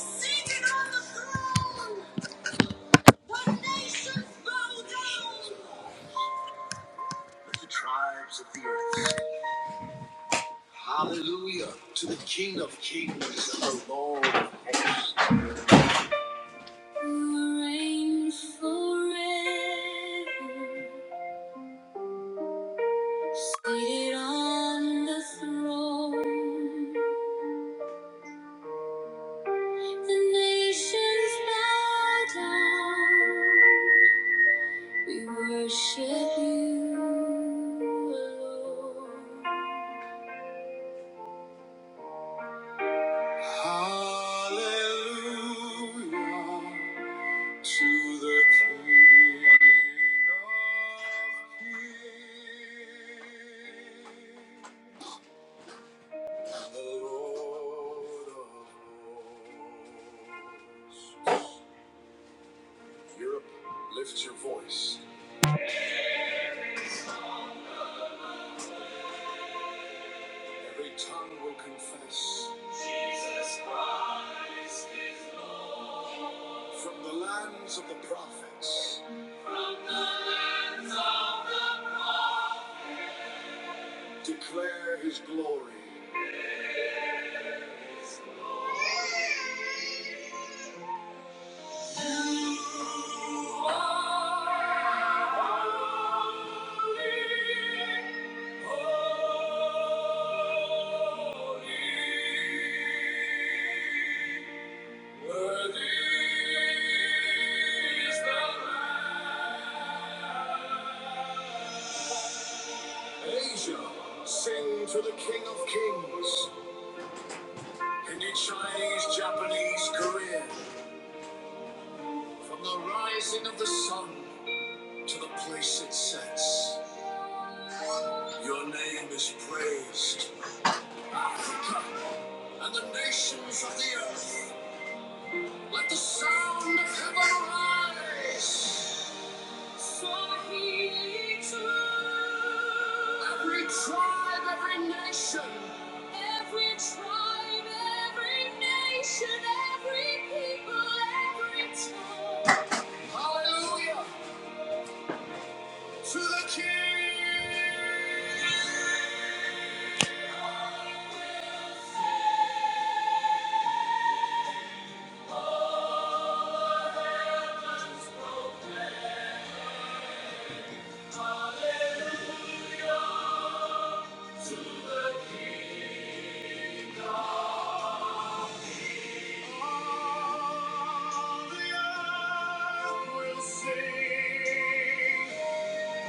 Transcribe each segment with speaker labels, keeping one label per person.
Speaker 1: Seated on the throne, the nations bow down. The tribes of the earth. Hallelujah to the King of Kings and the Lord of Hosts. You reign forever, seated on the throne. The nations bow down. We worship you alone. Hallelujah to the King of Kings, the Lord of Lords. Europe, lift your voice. Every tongue will confess. From the lands of the prophets, declare his glory. Worthy is the Lamb. Asia, sing to the King of Kings. Hindi, Chinese, Japanese, Korean. From the rising of the sun to the place it sets, your name is praised. And the nations of the earth, let the sound of heaven arise. Swahili too. Every tribe, every nation, every tribe, every nation, every people, every tongue. Hallelujah to the King. All heavens spoken. Hallelujah to the King. All the earth will sing.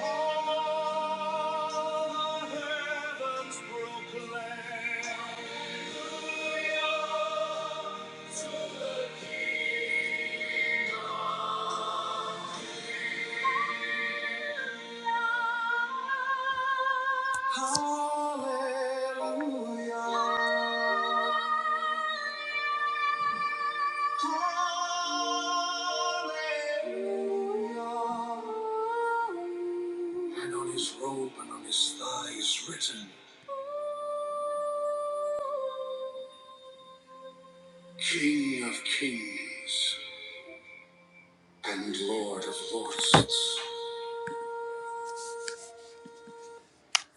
Speaker 1: All the heavens proclaim. Hallelujah to the King. Hallelujah. Hallelujah. And on his robe and on his thigh is written, King of Kings. and Lord of Lords.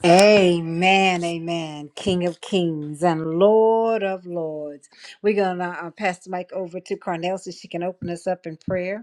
Speaker 1: Amen, amen. King of kings and Lord of lords. We're going to uh, pass the mic over to Carnell so she can open us up in prayer.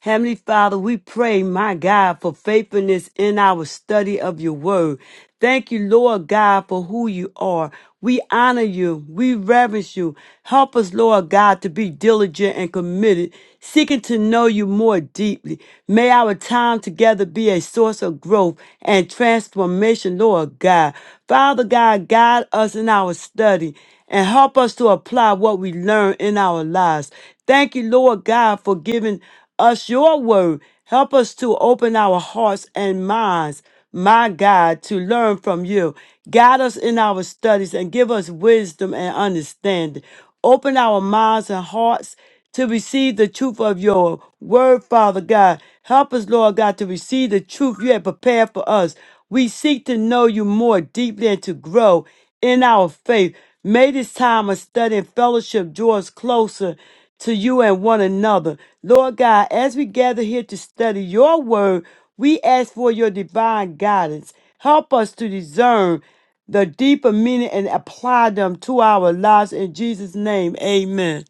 Speaker 2: Heavenly Father, we pray, my God, for faithfulness in our study of your word. Thank you, Lord God, for who you are. We honor you. We reverence you. Help us, Lord God, to be diligent and committed, seeking to know you more deeply. May our time together be a source of growth and transformation, Lord God. Father God, guide us in our study and help us to apply what we learn in our lives. Thank you, Lord God, for giving us your word. Help us to open our hearts and minds my God, to learn from you. Guide us in our studies and give us wisdom and understanding. Open our minds and hearts to receive the truth of your word, Father God. Help us, Lord God, to receive the truth you have prepared for us. We seek to know you more deeply and to grow in our faith. May this time of study and fellowship draw us closer to you and one another. Lord God, as we gather here to study your word, we ask for your divine guidance. Help us to discern the deeper meaning and apply them to our lives in Jesus' name. Amen.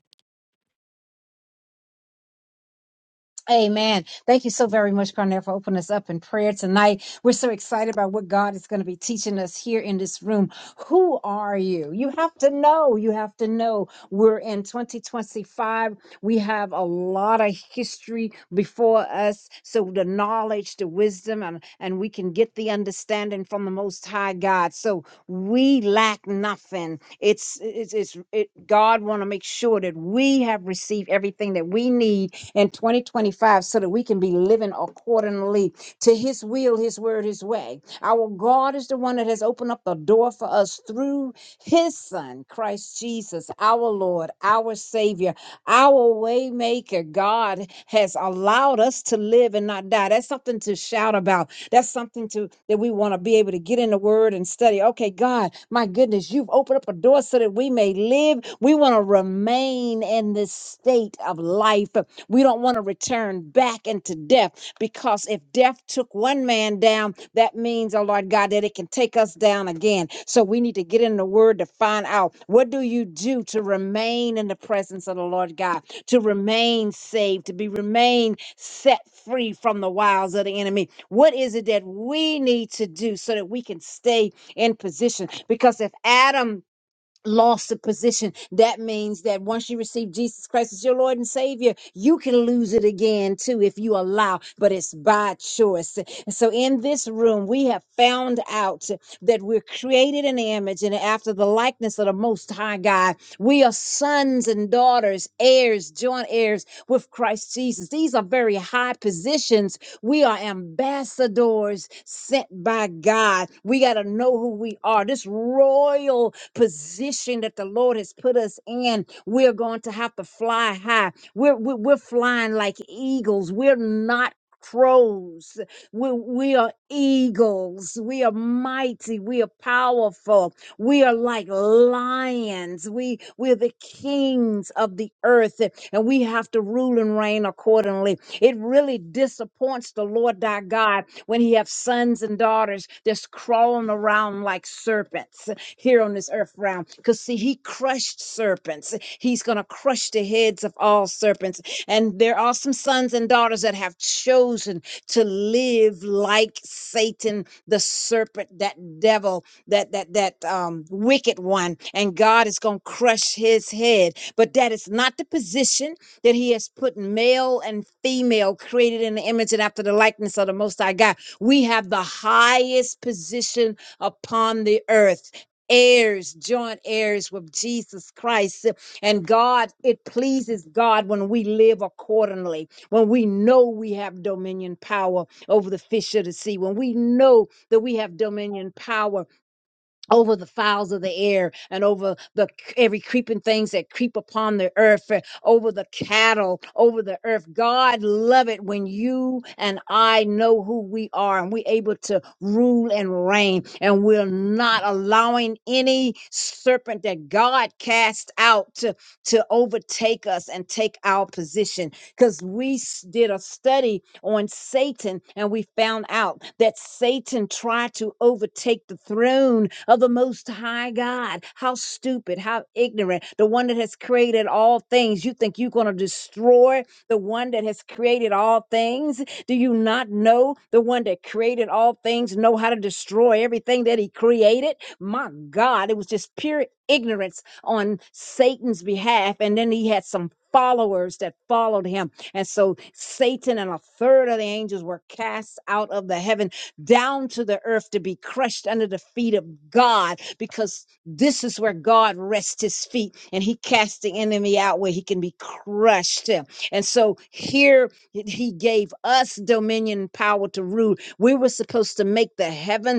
Speaker 3: Amen. Thank you so very much, Carnell, for opening us up in prayer tonight. We're so excited about what God is going to be teaching us here in this room. Who are you? You have to know. You have to know. We're in 2025. We have a lot of history before us. So the knowledge, the wisdom, and, and we can get the understanding from the Most High God. So we lack nothing. It's, it's, it's it, God want to make sure that we have received everything that we need in 2025 so that we can be living accordingly to his will, his word, his way. Our God is the one that has opened up the door for us through his son, Christ Jesus, our Lord, our Savior, our waymaker. God has allowed us to live and not die. That's something to shout about. That's something to that we want to be able to get in the word and study. Okay, God, my goodness, you've opened up a door so that we may live. We want to remain in this state of life. We don't want to return back into death because if death took one man down, that means, oh Lord God, that it can take us down again. So we need to get in the word to find out what do you do to remain in the presence of the Lord God, to remain saved, to be remain set free from the wiles of the enemy. What is it that we need to do so that we can stay in position? Because if Adam lost a position. That means that once you receive Jesus Christ as your Lord and Savior, you can lose it again too if you allow, but it's by choice. And So in this room, we have found out that we're created in the image and after the likeness of the Most High God. We are sons and daughters, heirs, joint heirs with Christ Jesus. These are very high positions. We are ambassadors sent by God. We got to know who we are. This royal position that the Lord has put us in, we're going to have to fly high. We're, we're, we're flying like eagles. We're not crows. We, we are eagles. We are mighty. We are powerful. We are like lions. We, we're the kings of the earth and we have to rule and reign accordingly. It really disappoints the Lord thy God when he have sons and daughters that's crawling around like serpents here on this earth realm. Because, see, he crushed serpents. He's going to crush the heads of all serpents. And there are some sons and daughters that have chosen to live like Satan, the serpent, that devil, that that that um, wicked one, and God is going to crush his head. But that is not the position that He has put male and female, created in the image and after the likeness of the Most High God. We have the highest position upon the earth heirs, joint heirs with Jesus Christ. And God, it pleases God when we live accordingly, when we know we have dominion power over the fish of the sea, when we know that we have dominion power over the fowls of the air and over the c- every creeping things that creep upon the earth uh, over the cattle over the earth god love it when you and i know who we are and we're able to rule and reign and we're not allowing any serpent that god cast out to, to overtake us and take our position because we s- did a study on Satan and we found out that Satan tried to overtake the throne of the Most High God. How stupid, how ignorant. The one that has created all things. You think you're going to destroy the one that has created all things? Do you not know the one that created all things know how to destroy everything that he created? My God, it was just pure ignorance on Satan's behalf. And then he had some followers that followed him. And so Satan and a third of the angels were cast out of the heaven down to the earth to be crushed under the feet of God because this is where God rests his feet and he cast the enemy out where he can be crushed. And so here he gave us dominion power to rule. We were supposed to make the heaven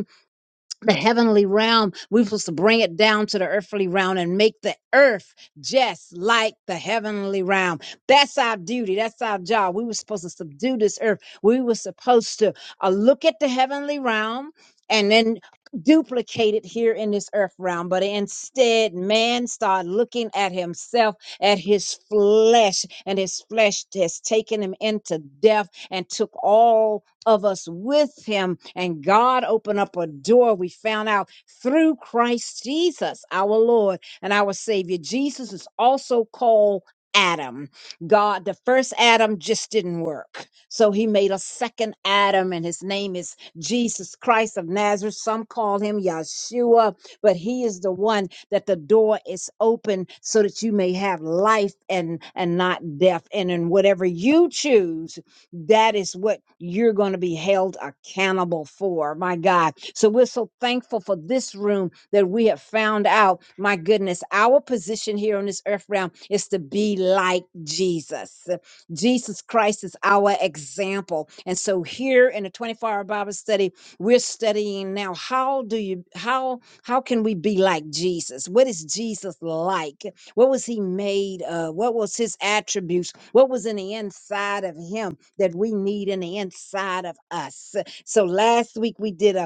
Speaker 3: the heavenly realm. We're supposed to bring it down to the earthly realm and make the earth just like the heavenly realm. That's our duty. That's our job. We were supposed to subdue this earth. We were supposed to uh, look at the heavenly realm and then duplicate it here in this earth realm. But instead, man started looking at himself, at his flesh, and his flesh has taken him into death and took all of us with him. And God opened up a door, we found out through Christ Jesus, our Lord and our Savior. Jesus is also called Adam. God, the first Adam just didn't work. So he made a second Adam, and his name is Jesus Christ of Nazareth. Some call him Yeshua, but he is the one that the door is open so that you may have life and, and not death. And in whatever you choose, that is what you're going to be held accountable for. My God. So we're so thankful for this room that we have found out. My goodness, our position here on this earth realm is to be like Jesus. Jesus Christ is our example. And so here in the 24-hour Bible study, we're studying now how do you how how can we be like Jesus? What is Jesus like? What was he made of? What was his attributes? What was in the inside of him? that we need in the inside of us. So last week we did a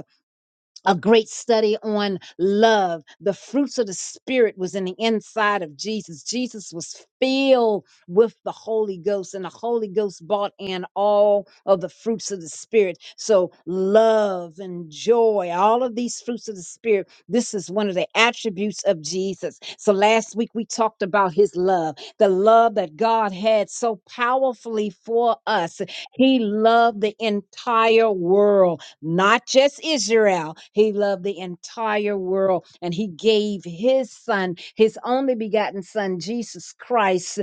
Speaker 3: a great study on love. The fruits of the Spirit was in the inside of Jesus. Jesus was filled with the Holy Ghost, and the Holy Ghost brought in all of the fruits of the Spirit. So, love and joy, all of these fruits of the Spirit, this is one of the attributes of Jesus. So, last week we talked about his love, the love that God had so powerfully for us. He loved the entire world not just Israel. He loved the entire world and he gave his son, his only begotten son, Jesus Christ.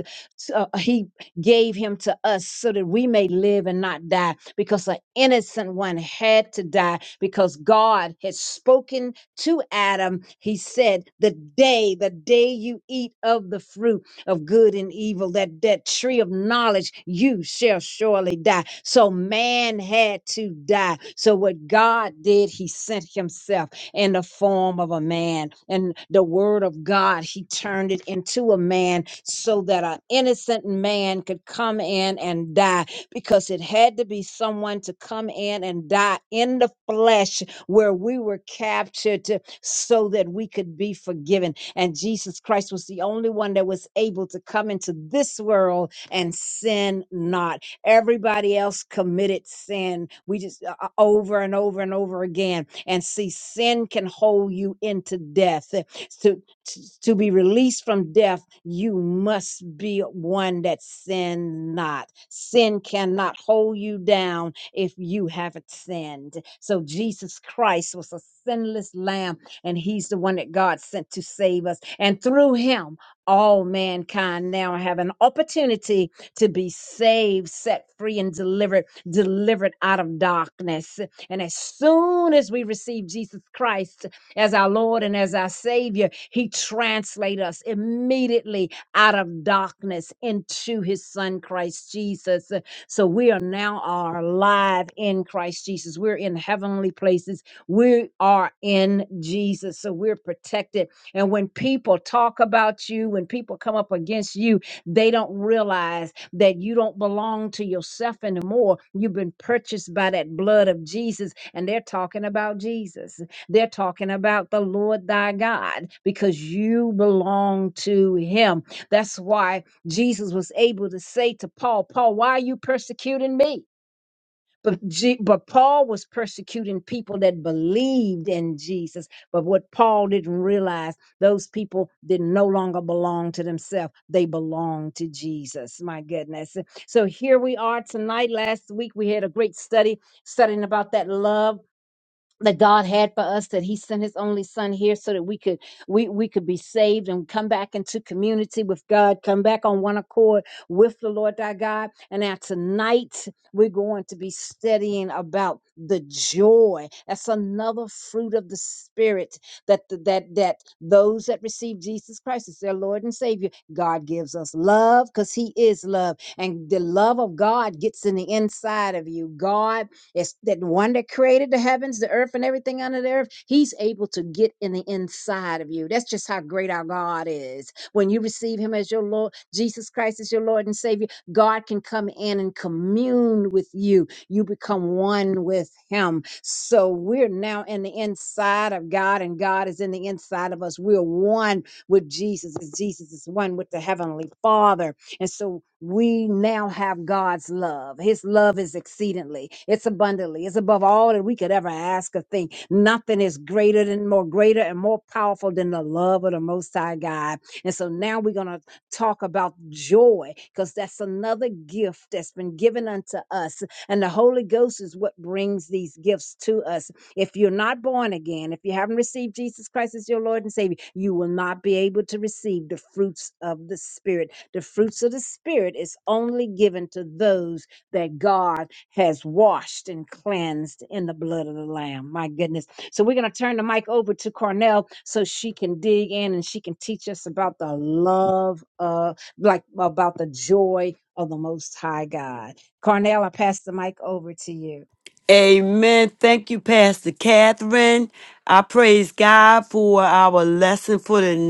Speaker 3: uh, he gave him to us so that we may live and not die because an innocent one had to die because God had spoken to Adam. He said, The day, the day you eat of the fruit of good and evil, that that tree of knowledge, you shall surely die. So man had to die. So what God did, he sent himself in the form of a man. And the word of God, he turned it into a man so that an innocent man could come in and die because it had to be someone to come in and die in the flesh where we were captured so that we could be forgiven. And Jesus Christ was the only one that was able to come into this world and sin not. Everybody else committed sin. We just uh, uh, over and over and over again. And see, sin can hold you into death. Uh, To, to, to be released from death, you must be one that sin not. Sin cannot hold you down if you haven't sinned. So Jesus Christ was a sinless lamb and he's the one that God sent to save us. And through him, all mankind now have an opportunity to be saved, set free, and delivered, delivered out of darkness. And as soon as we receive Jesus Christ as our Lord and as our Savior, He translates us immediately out of darkness into His Son, Christ Jesus. So we are now are alive in Christ Jesus. We're in heavenly places we are in Jesus, so we're protected. And when people talk about you, when people come up against you, they don't realize that you don't belong to yourself anymore. You've been purchased by that blood of Jesus, and they're talking about Jesus. They're talking about the Lord thy God because you belong to him. That's why Jesus was able to say to Paul, Paul, why are you persecuting me? But, Je- but Paul was persecuting people that believed in Jesus. But what Paul didn't realize, those people didn't no longer belong to themselves. They belonged to Jesus. My goodness. So here we are tonight. Last week we had a great study studying about that love that God had for us that he sent his only son here so that we could we we could be saved and come back into community with God come back on one accord with the Lord thy God and now tonight we're going to be studying about the joy that's another fruit of the spirit that th- that that those that receive Jesus Christ as their Lord and Savior God gives us love cuz he is love and the love of God gets in the inside of you God it's that one that created the heavens, the earth, and everything under the earth. He's able to get in the inside of you. That's just how great our God is. When you receive Him as your Lord, Jesus Christ is your Lord and Savior, God can come in and commune with you. You become one with Him. So we're now in the inside of God, and God is in the inside of us. We're one with Jesus as Jesus is one with the Heavenly Father. And so we now have God's love. His love is exceedingly, it's abundantly, it's above all that we could ever ask or think. Nothing is greater than more greater and more powerful than the love of the Most High God. And so now we're going to talk about joy because that's another gift that's been given unto us. And the Holy Ghost is what brings these gifts to us. If you're not born again, if you haven't received Jesus Christ as your Lord and Savior, you will not be able to receive the fruits of the Spirit the fruits of the Spirit is only given to those that God has washed and cleansed in the blood of the Lamb. My goodness. So we're going to turn the mic over to Cornell so she can dig in and she can teach us about the love of, like, about the joy of the Most High God. Cornell, I pass the mic over to you.
Speaker 2: Amen. Thank you, Pastor Catherine. I praise God for our lesson for tonight.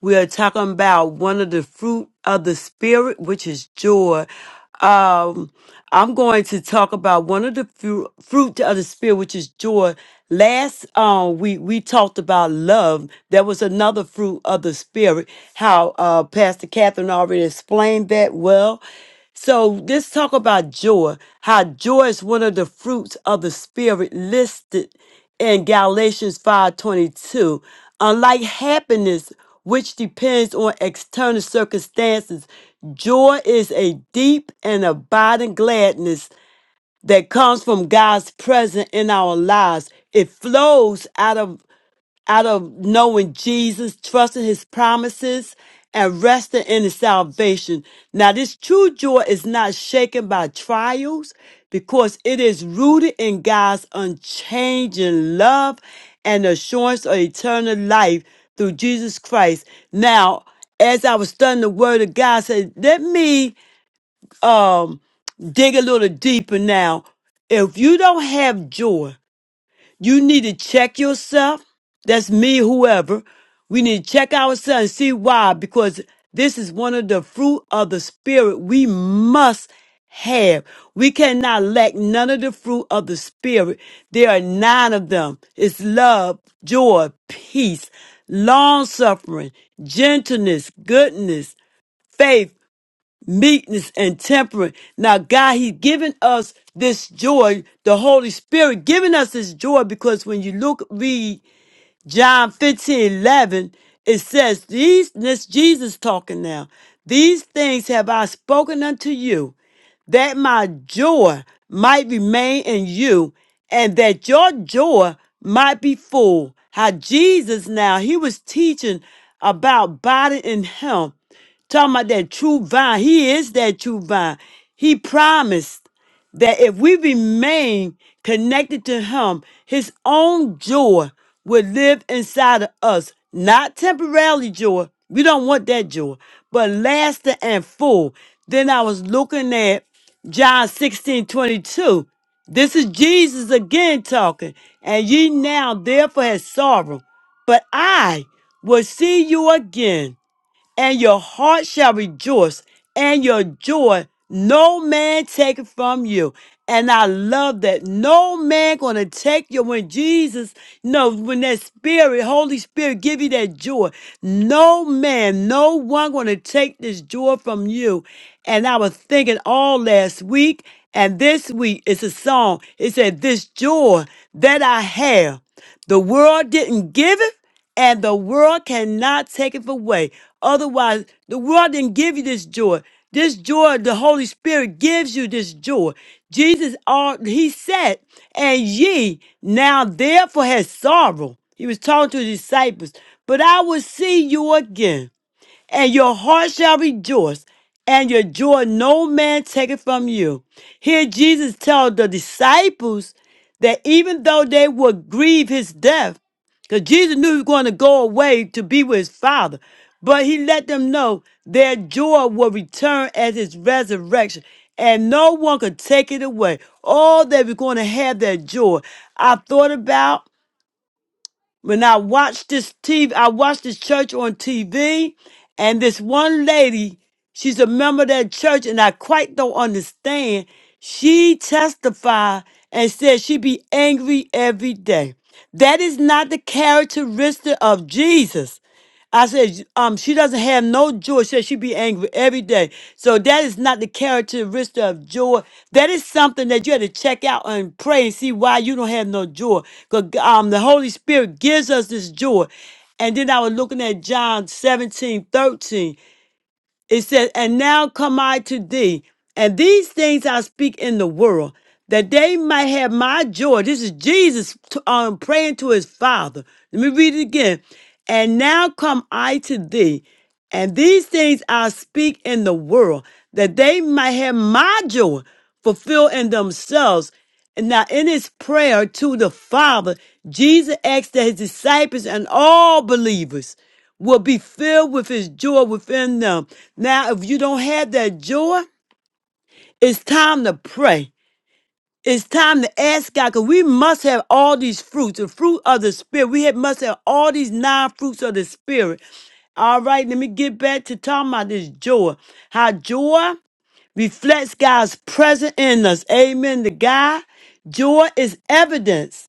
Speaker 2: We are talking about one of the fruit of the spirit, which is joy. Um, I'm going to talk about one of the fru- fruit of the spirit, which is joy. Last um, we we talked about love. There was another fruit of the spirit. How uh, Pastor Catherine already explained that well. So let's talk about joy. How joy is one of the fruits of the spirit listed in Galatians 5:22. Unlike happiness, which depends on external circumstances, joy is a deep and abiding gladness that comes from God's presence in our lives. It flows out of out of knowing Jesus, trusting his promises, and resting in his salvation. Now, this true joy is not shaken by trials because it is rooted in God's unchanging love and assurance of eternal life through Jesus Christ. Now, as I was studying the word of God, I said, let me um dig a little deeper now. If you don't have joy, you need to check yourself. That's me, whoever. We need to check ourselves and see why, because this is one of the fruit of the Spirit we must have. We cannot lack none of the fruit of the Spirit. There are nine of them it's love, joy, peace, long suffering, gentleness, goodness, faith meekness and temperance. Now, God, He's given us this joy, the Holy Spirit giving us this joy because when you look, read John 15 11, it says, These, this Jesus talking now, these things have I spoken unto you, that my joy might remain in you, and that your joy might be full. How Jesus now, he was teaching about body and health, talking about that true vine. He is that true vine. He promised that if we remain connected to Him, His own joy will live inside of us. Not temporarily joy, we don't want that joy, but lasting and full. Then I was looking at John 16 22. This is Jesus again talking, and ye now therefore have sorrow, but I will see you again and your heart shall rejoice, and your joy no man take it from you. And I love that no man gonna take you when Jesus, no, when that Spirit, Holy Spirit, give you that joy. No man, no one gonna take this joy from you. And I was thinking all last week and this week, it's a song. It said, "This joy that I have." The world didn't give it, and the world cannot take it away. Otherwise, the world didn't give you this joy. This joy, the Holy Spirit gives you this joy. Jesus, all he said, and ye now therefore has sorrow. He was talking to his disciples, but I will see you again and your heart shall rejoice, and your joy no man take it from you. Here Jesus told the disciples that even though they would grieve his death, because Jesus knew he was going to go away to be with his father. But he let them know their joy will return at his resurrection, and no one could take it away. All they were going to have their joy. I thought about when I watched this TV, I watched this church on TV, and this one lady, she's a member of that church, and I quite don't understand. She testified and said she be angry every day. That is not the characteristic of Jesus. I said, um, she doesn't have no joy. She said she be angry every day. So that is not the characteristic of joy. That is something that you had to check out and pray and see why you don't have no joy. Because um, the Holy Spirit gives us this joy. And then I was looking at John 17 13. It says, And now come I to thee, and these things I speak in the world, that they might have my joy. This is Jesus t- um, praying to his Father. Let me read it again. And now come I to thee, and these things I speak in the world, that they might have my joy fulfilled in themselves. And now, in his prayer to the Father, Jesus asked that his disciples and all believers will be filled with his joy within them. Now, if you don't have that joy, it's time to pray. It's time to ask God because we must have all these fruits, the fruit of the Spirit. We have, must have all these nine fruits of the Spirit. All right, let me get back to talking about this joy. How joy reflects God's presence in us. Amen to God. Joy is evidence.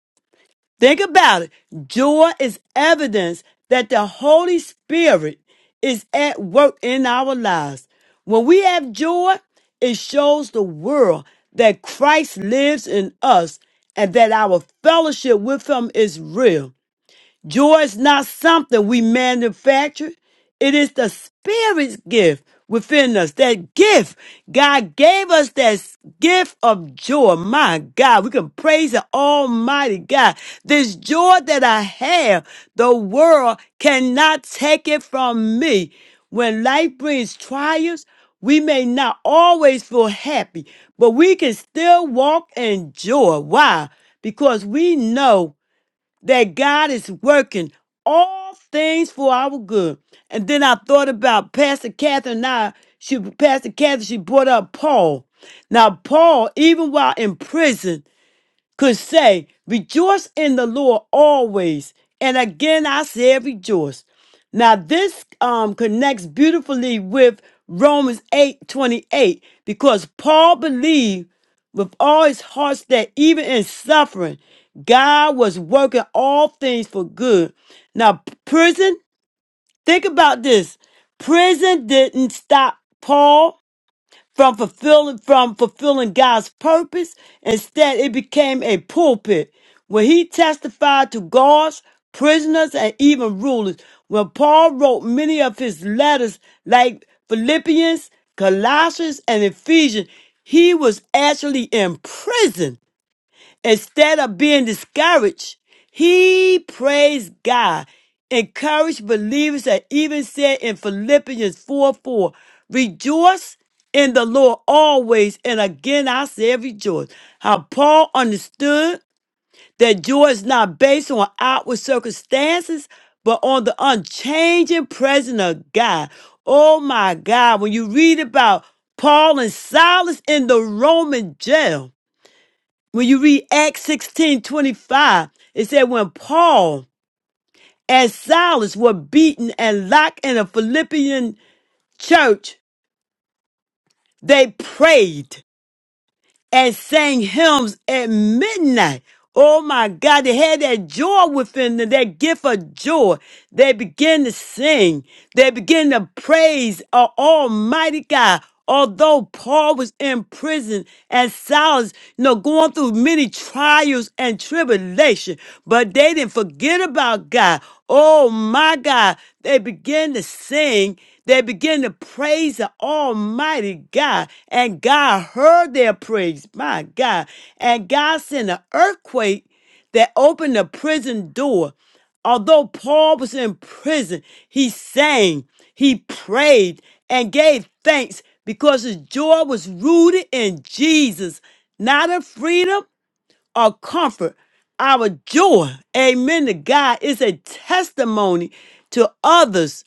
Speaker 2: Think about it. Joy is evidence that the Holy Spirit is at work in our lives. When we have joy, it shows the world that Christ lives in us and that our fellowship with Him is real. Joy is not something we manufacture. It is the Spirit's gift within us. That gift, God gave us that s- gift of joy. My God, we can praise the Almighty God. This joy that I have, the world cannot take it from me. When life brings trials, we may not always feel happy, but we can still walk in joy. Why? Because we know that God is working all things for our good. And then I thought about Pastor Catherine and I, she Pastor Catherine, she brought up Paul. Now, Paul, even while in prison, could say, Rejoice in the Lord always. And again, I said, Rejoice. Now, this um, connects beautifully with Romans eight twenty eight because Paul believed with all his heart that even in suffering, God was working all things for good. Now, p- prison, think about this prison didn't stop Paul from fulfilling from fulfilling God's purpose. Instead, it became a pulpit where he testified to guards, prisoners, and even rulers. When Paul wrote many of his letters, like Philippians, Colossians, and Ephesians, he was actually in prison Instead of being discouraged, he praised God, encouraged believers, and even said in Philippians 4 4, Rejoice in the Lord always, and again I say rejoice. How Paul understood that joy is not based on outward circumstances, but on the unchanging presence of God. Oh my God, when you read about Paul and Silas in the Roman jail, when you read Acts 16 25, it said, When Paul and Silas were beaten and locked in a Philippian church, they prayed and sang hymns at midnight. Oh my God, they had that joy within them, that gift of joy. They began to sing. They began to praise our Almighty God. Although Paul was in prison and Silas, you know, going through many trials and tribulation, but they didn't forget about God. Oh my God, they began to sing. They began to praise the Almighty God, and God heard their praise. My God. And God sent an earthquake that opened the prison door. Although Paul was in prison, he sang, he prayed, and gave thanks because his joy was rooted in Jesus, not in freedom or comfort. Our joy, amen to God, is a testimony to others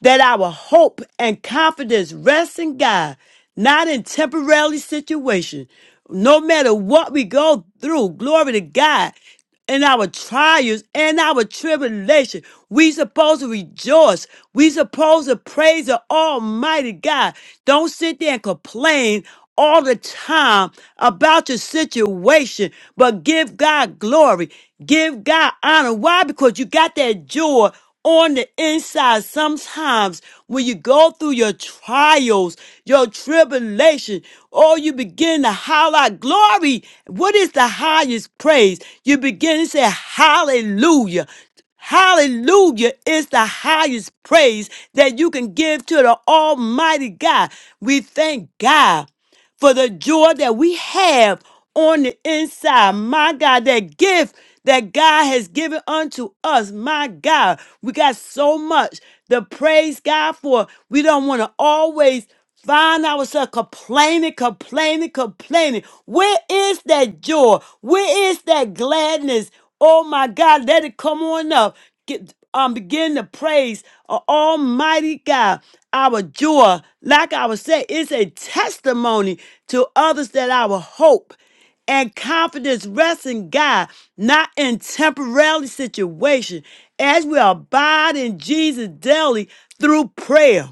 Speaker 2: that our hope and confidence rests in God, not in temporary situation. No matter what we go through, glory to God, in our trials and our tribulation, we supposed to rejoice. We supposed to praise the Almighty God. Don't sit there and complain all the time about your situation, but give God glory, give God honor. Why? Because you got that joy on the inside. Sometimes when you go through your trials, your tribulation, oh, you begin to holler out glory. What is the highest praise? You begin to say, Hallelujah. Hallelujah is the highest praise that you can give to the Almighty God. We thank God for the joy that we have on the inside. My God, that gift that God has given unto us. My God, we got so much to praise God for. We don't want to always find ourselves complaining, complaining, complaining. Where is that joy? Where is that gladness? Oh my God, let it come on up. Get, um, begin to praise a Almighty God our joy, like I was saying, is a testimony to others that our hope and confidence rests in God, not in temporary situation, as we abide in Jesus daily through prayer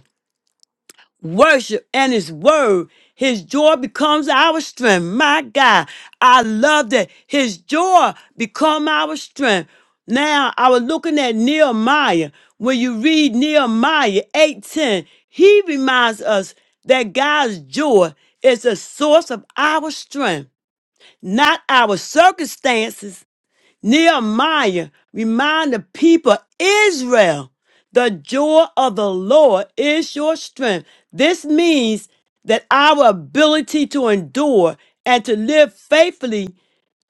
Speaker 2: worship and his word. His joy becomes our strength. My God, I love that. His joy become our strength. Now I was looking at Nehemiah. When you read Nehemiah 8:10, he reminds us that God's joy is the source of our strength, not our circumstances Nehemiah remind the people, Israel, the joy of the Lord is your strength. This means that our ability to endure and to live faithfully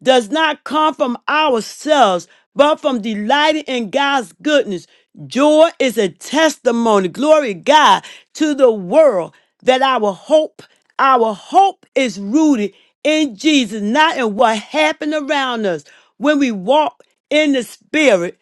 Speaker 2: does not come from ourselves, but from delighting in God's goodness. Joy is a testimony, glory to God, to the world that our hope, our hope is rooted in Jesus, not in what happened around us. When we walk in the spirit,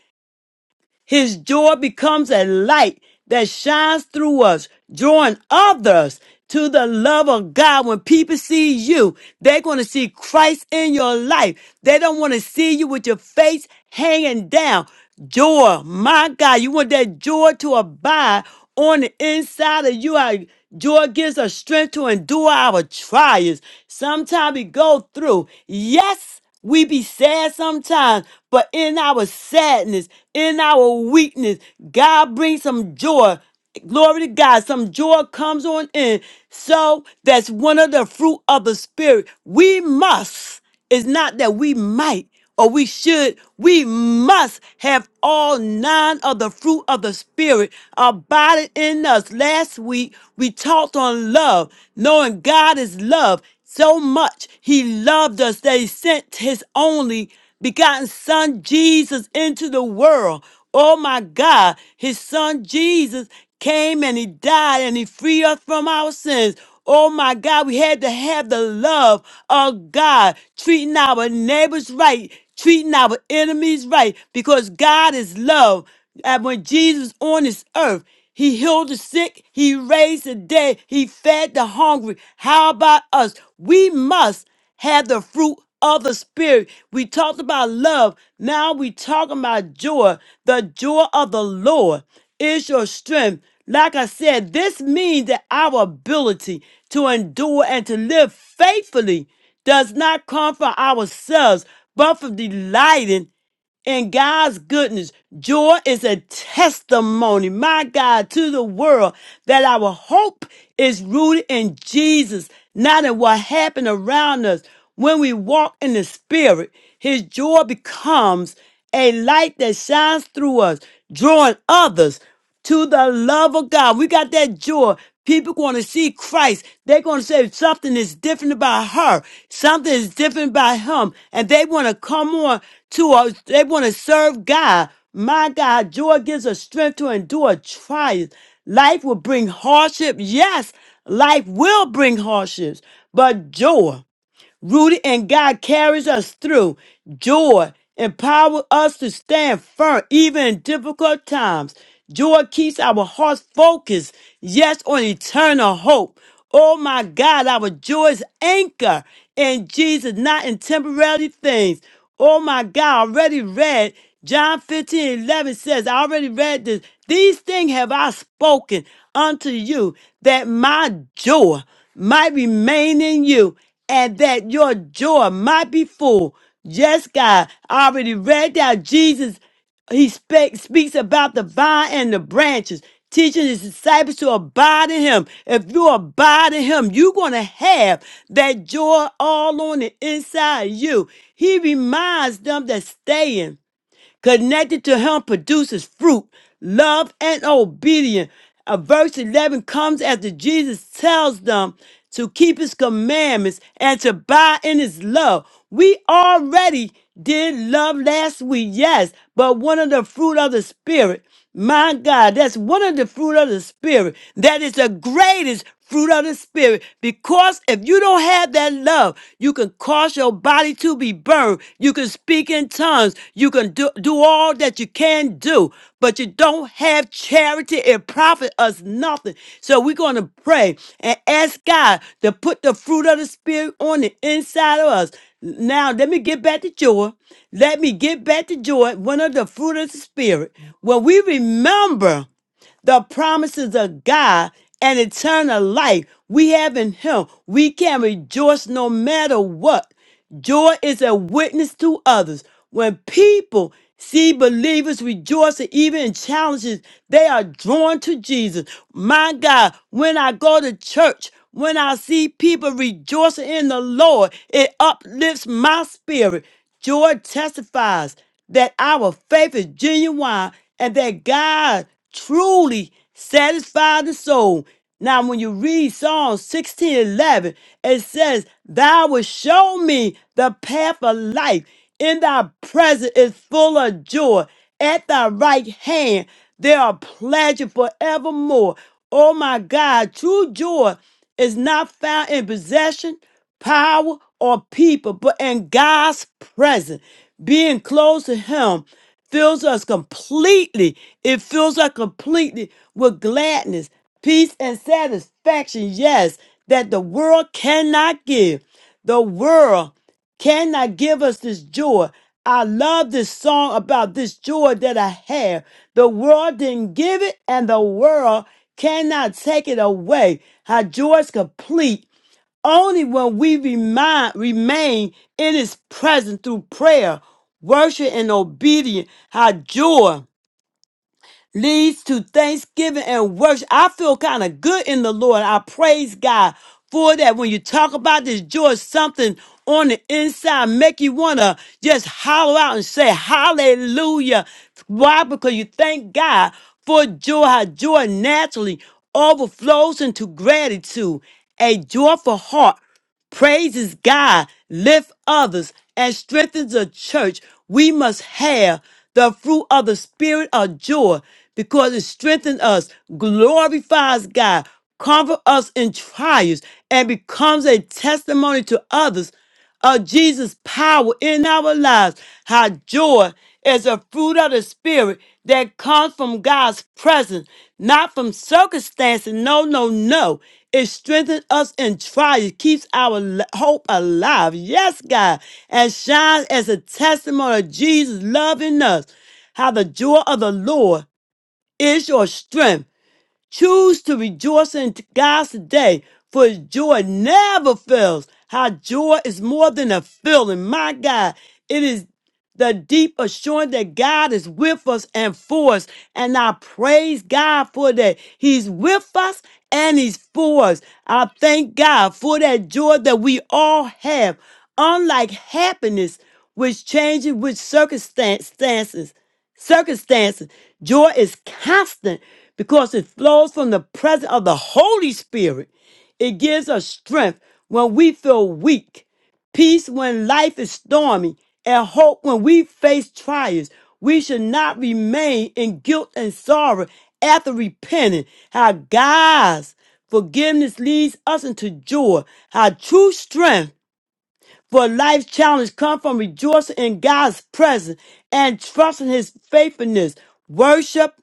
Speaker 2: his joy becomes a light that shines through us, drawing others to the love of God. When people see you, they're going to see Christ in your life. They don't want to see you with your face hanging down. Joy, my God, you want that joy to abide on the inside of you. Our Joy gives us strength to endure our trials. Sometimes we go through. Yes. We be sad sometimes, but in our sadness, in our weakness, God brings some joy. Glory to God. Some joy comes on in. So that's one of the fruit of the Spirit. We must. It's not that we might or we should. We must have all nine of the fruit of the Spirit abided in us. Last week, we talked on love, knowing God is love. So much he loved us that he sent his only begotten son Jesus into the world. Oh my God, his son Jesus came and he died and he freed us from our sins. Oh my God, we had to have the love of God, treating our neighbors right, treating our enemies right, because God is love. And when Jesus was on this earth, he healed the sick. He raised the dead. He fed the hungry. How about us? We must have the fruit of the spirit. We talked about love. Now we talking about joy. The joy of the Lord is your strength. Like I said, this means that our ability to endure and to live faithfully does not come from ourselves, but from delighting in God's goodness. Joy is a testimony, my God, to the world that our hope is rooted in Jesus, not in what happened around us. When we walk in the Spirit, His joy becomes a light that shines through us, drawing others to the love of God. We got that joy. People going to see Christ. They're going to say something is different about her. Something is different about him. And they want to come on to us. They want to serve God. My God, joy gives us strength to endure trials. Life will bring hardship. Yes, life will bring hardships, but joy rooted in God carries us through. Joy empowers us to stand firm even in difficult times. Joy keeps our hearts focused, yes, on eternal hope. Oh my God, our joy is anchor in Jesus, not in temporary things. Oh my God, I already read John 15 11 says, I already read this. These things have I spoken unto you that my joy might remain in you and that your joy might be full. Yes, God. I already read that Jesus he spe- speaks about the vine and the branches, teaching his disciples to abide in him. If you abide in him, you're going to have that joy all on the inside of you. He reminds them that staying. Connected to him produces fruit, love, and obedience. Uh, verse 11 comes after Jesus tells them to keep his commandments and to abide in his love. We already did love last week, yes, but one of the fruit of the Spirit, my God, that's one of the fruit of the Spirit that is the greatest fruit of the spirit. Because if you don't have that love, you can cause your body to be burned. You can speak in tongues. You can do, do all that you can do, but you don't have charity. It profit us nothing. So we're going to pray and ask God to put the fruit of the spirit on the inside of us. Now, let me get back to joy. Let me get back to joy. One of the fruit of the spirit. When we remember the promises of God and eternal life we have in Him. We can rejoice no matter what. Joy is a witness to others. When people see believers rejoicing even in challenges, they are drawn to Jesus. My God, when I go to church, when I see people rejoicing in the Lord, it uplifts my spirit. Joy testifies that our faith is genuine and that God truly satisfy the soul. Now, when you read Psalm 16 11, it says, Thou wilt show me the path of life. In thy presence is full of joy. At thy right hand, there are pleasures forevermore. Oh my God, true joy is not found in possession, power, or people, but in God's presence, being close to Him fills us completely. It fills us completely with gladness, peace, and satisfaction. Yes, that the world cannot give. The world cannot give us this joy. I love this song about this joy that I have. The world didn't give it, and the world cannot take it away. Her joy is complete only when we remind, remain in His presence through prayer, worship, and obedience, how joy leads to thanksgiving and worship. I feel kind of good in the Lord. I praise God for that. When you talk about this joy, something on the inside make you want to just holler out and say hallelujah. Why? Because you thank God for joy, how joy naturally overflows into gratitude. A joyful heart praises God, lift others, and strengthens the church, we must have the fruit of the spirit of joy because it strengthens us, glorifies God, comforts us in trials, and becomes a testimony to others of Jesus' power in our lives. How joy is a fruit of the Spirit that comes from God's presence, not from circumstances. No, no, no. It strengthens us in trials, keeps our l- hope alive. Yes, God, and shines as a testimony of Jesus loving us. How the joy of the Lord is your strength. Choose to rejoice in God's day, for his joy never fails. How joy is more than a feeling. My God, it is the deep assurance that God is with us and for us. And I praise God for that. He's with us and He's for us. I thank God for that joy that we all have. Unlike happiness, which changes with circumstances, circumstances. Joy is constant because it flows from the presence of the Holy Spirit. It gives us strength when we feel weak, peace when life is stormy, and hope when we face trials. We should not remain in guilt and sorrow after repenting. How God's forgiveness leads us into joy. How true strength for life's challenge come from rejoicing in God's presence and trusting his faithfulness. Worship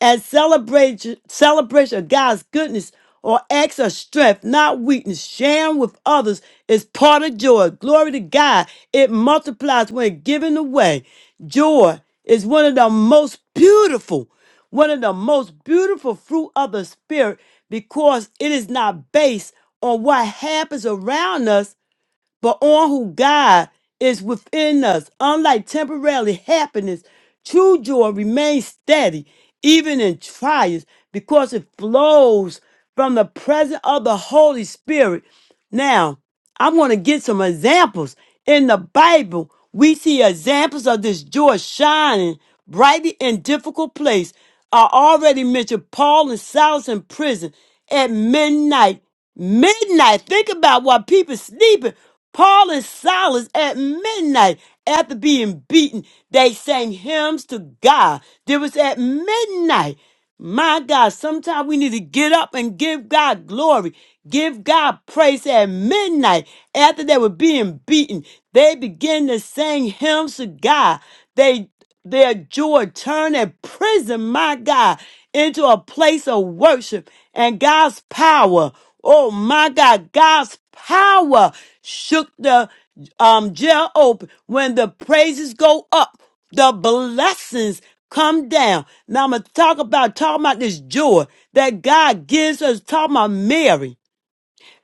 Speaker 2: and celebration, celebration of God's goodness or acts of strength, not weakness. Sharing with others is part of joy. Glory to God. It multiplies when given away. Joy is one of the most beautiful, one of the most beautiful fruit of the spirit because it is not based on what happens around us but on who God is within us. Unlike temporary happiness, true joy remains steady, even in trials, because it flows from the presence of the Holy Spirit. Now, I want to get some examples. In the Bible, we see examples of this joy shining brightly in difficult place. I already mentioned Paul and Silas in prison at midnight Midnight. Think about why people sleeping. Paul and Silas at midnight after being beaten, they sang hymns to God. It was at midnight. My God, sometimes we need to get up and give God glory, give God praise at midnight. After they were being beaten, they began to sing hymns to God. They their joy, turning prison, my God, into a place of worship and God's power. Oh my God, God's power shook the um, jail open. When the praises go up, the blessings come down. Now I'm gonna talk about talking about this joy that God gives us. Talking about Mary.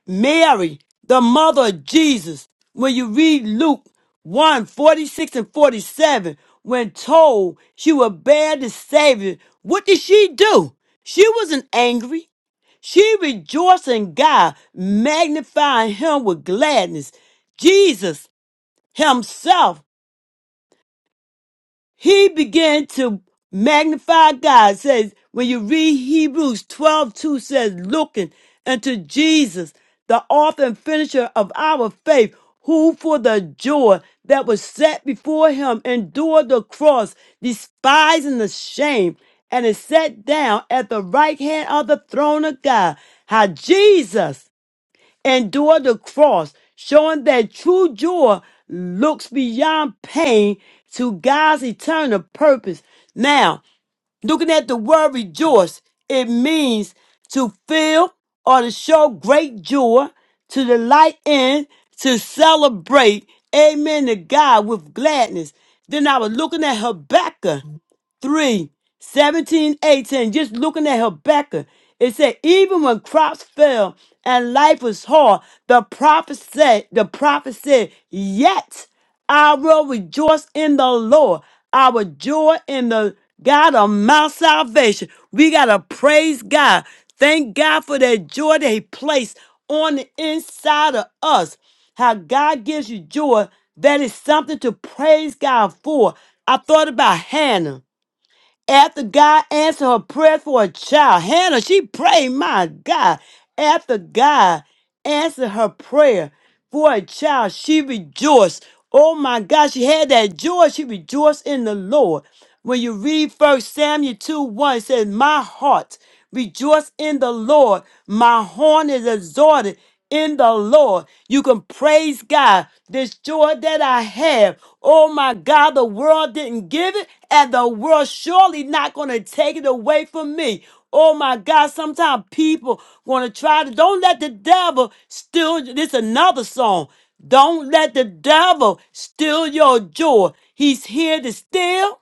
Speaker 2: Mary, the mother of Jesus, when you read Luke one 46 and 47, when told she would bear the Savior, what did she do? She wasn't angry. She rejoiced in God, magnifying Him with gladness. Jesus Himself he began to magnify God. Says when you read Hebrews 12 2, says, looking unto Jesus, the author and finisher of our faith, who for the joy that was set before him endured the cross, despising the shame, and is set down at the right hand of the throne of God. How Jesus endure the cross, showing that true joy looks beyond pain to God's eternal purpose. Now, Looking at the word rejoice, it means to feel or to show great joy, to delight in, to celebrate, amen, to God with gladness. Then I was looking at Habakkuk 3 17 18. just looking at Habakkuk. It said, even when crops fell and life was hard, the prophet said, the prophet said, yet. I will rejoice in the Lord. Our joy in the God of my salvation. We got to praise God. Thank God for that joy that He placed on the inside of us. How God gives you joy, that is something to praise God for. I thought about Hannah. After God answered her prayer for a child, Hannah, she prayed, my God, after God answered her prayer for a child. She rejoiced. Oh my God, she had that joy. She rejoiced in the Lord. When you read First Samuel 2 1, it says, My heart rejoice in the Lord. My horn is exalted in the Lord. You can praise God. This joy that I have. Oh my God, the world didn't give it, and the world surely not going to take it away from me. Oh my God, sometimes people want to try to, don't let the devil steal, this another song. Don't let the devil steal your joy. He's here to steal,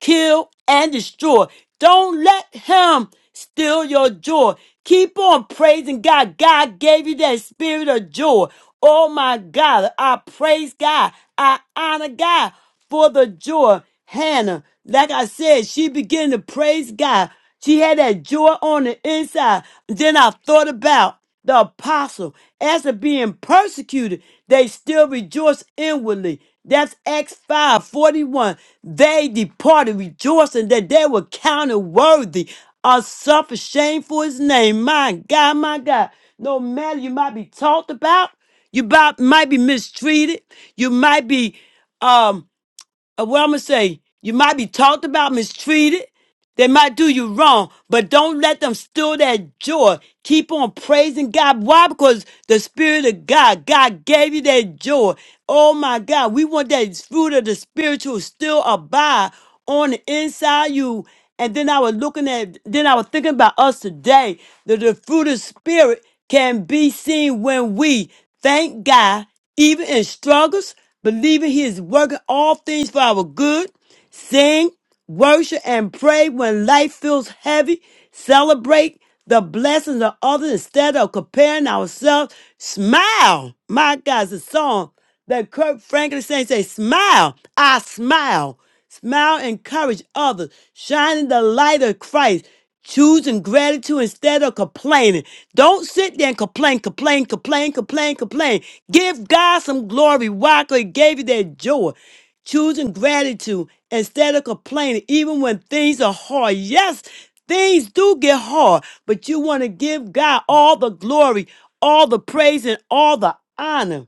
Speaker 2: kill, and destroy. Don't let him steal your joy. Keep on praising God. God gave you that spirit of joy. Oh my God, I praise God. I honor God for the joy. Hannah, like I said, she began to praise God. She had that joy on the inside. Then I thought about the apostle. After being persecuted, they still rejoice inwardly. That's Acts 5 41. They departed rejoicing that they were counted worthy of suffer shame for his name. My God, my God. No matter you might be talked about, you about, might be mistreated, you might be um uh, what I'm gonna say, you might be talked about, mistreated, they might do you wrong, but don't let them steal that joy. Keep on praising God. Why? Because the Spirit of God, God gave you that joy. Oh my God, we want that fruit of the spiritual still abide on the inside you. And then I was looking at, then I was thinking about us today. That the fruit of spirit can be seen when we thank God, even in struggles, believing He is working all things for our good. Sing, worship, and pray when life feels heavy. Celebrate the blessings of others instead of comparing ourselves. Smile. My God, it's a song that Kirk Franklin sang. Say, smile. I smile. Smile, encourage others, shining the light of Christ choosing gratitude instead of complaining. Don't sit there and complain, complain, complain, complain, complain. Give God some glory. Why? Because He gave you that joy. Choosing gratitude instead of complaining, even when things are hard. Yes, things do get hard, but you want to give God all the glory, all the praise, and all the honor.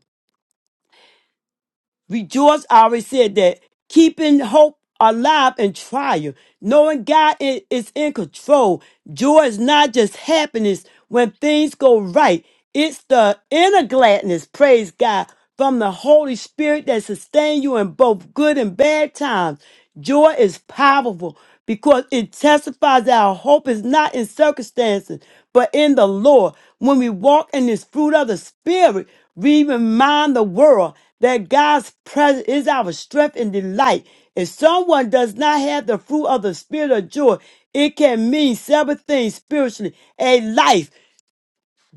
Speaker 2: Rejoice, I already said that. Keeping hope alive in trial. Knowing God i- is in control. Joy is not just happiness when things go right, it's the inner gladness, praise God, from the Holy Spirit that sustains you in both good and bad times. Joy is powerful because it testifies that our hope is not in circumstances, but in the Lord. When we walk in this fruit of the Spirit, we remind the world that God's presence is our strength and delight. If someone does not have the fruit of the spirit of joy, it can mean several things spiritually. A life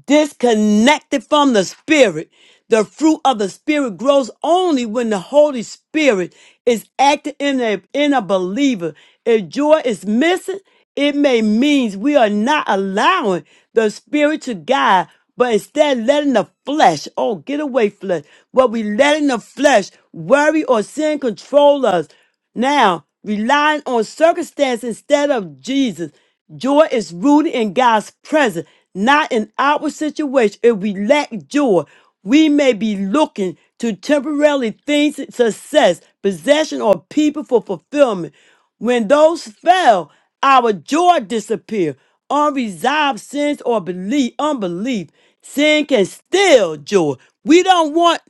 Speaker 2: disconnected from the spirit. The fruit of the spirit grows only when the Holy Spirit is active in a, in a believer. If joy is missing, it may means we are not allowing the spirit to guide, but instead letting the flesh, oh, get away flesh, but we letting the flesh worry or sin control us. Now, relying on circumstance instead of Jesus, joy is rooted in God's presence, not in our situation. If we lack joy, we may be looking to temporarily things, success, possession, or people for fulfillment. When those fail, our joy disappears. Unresolved sins or belief, unbelief, sin can steal joy. We don't want.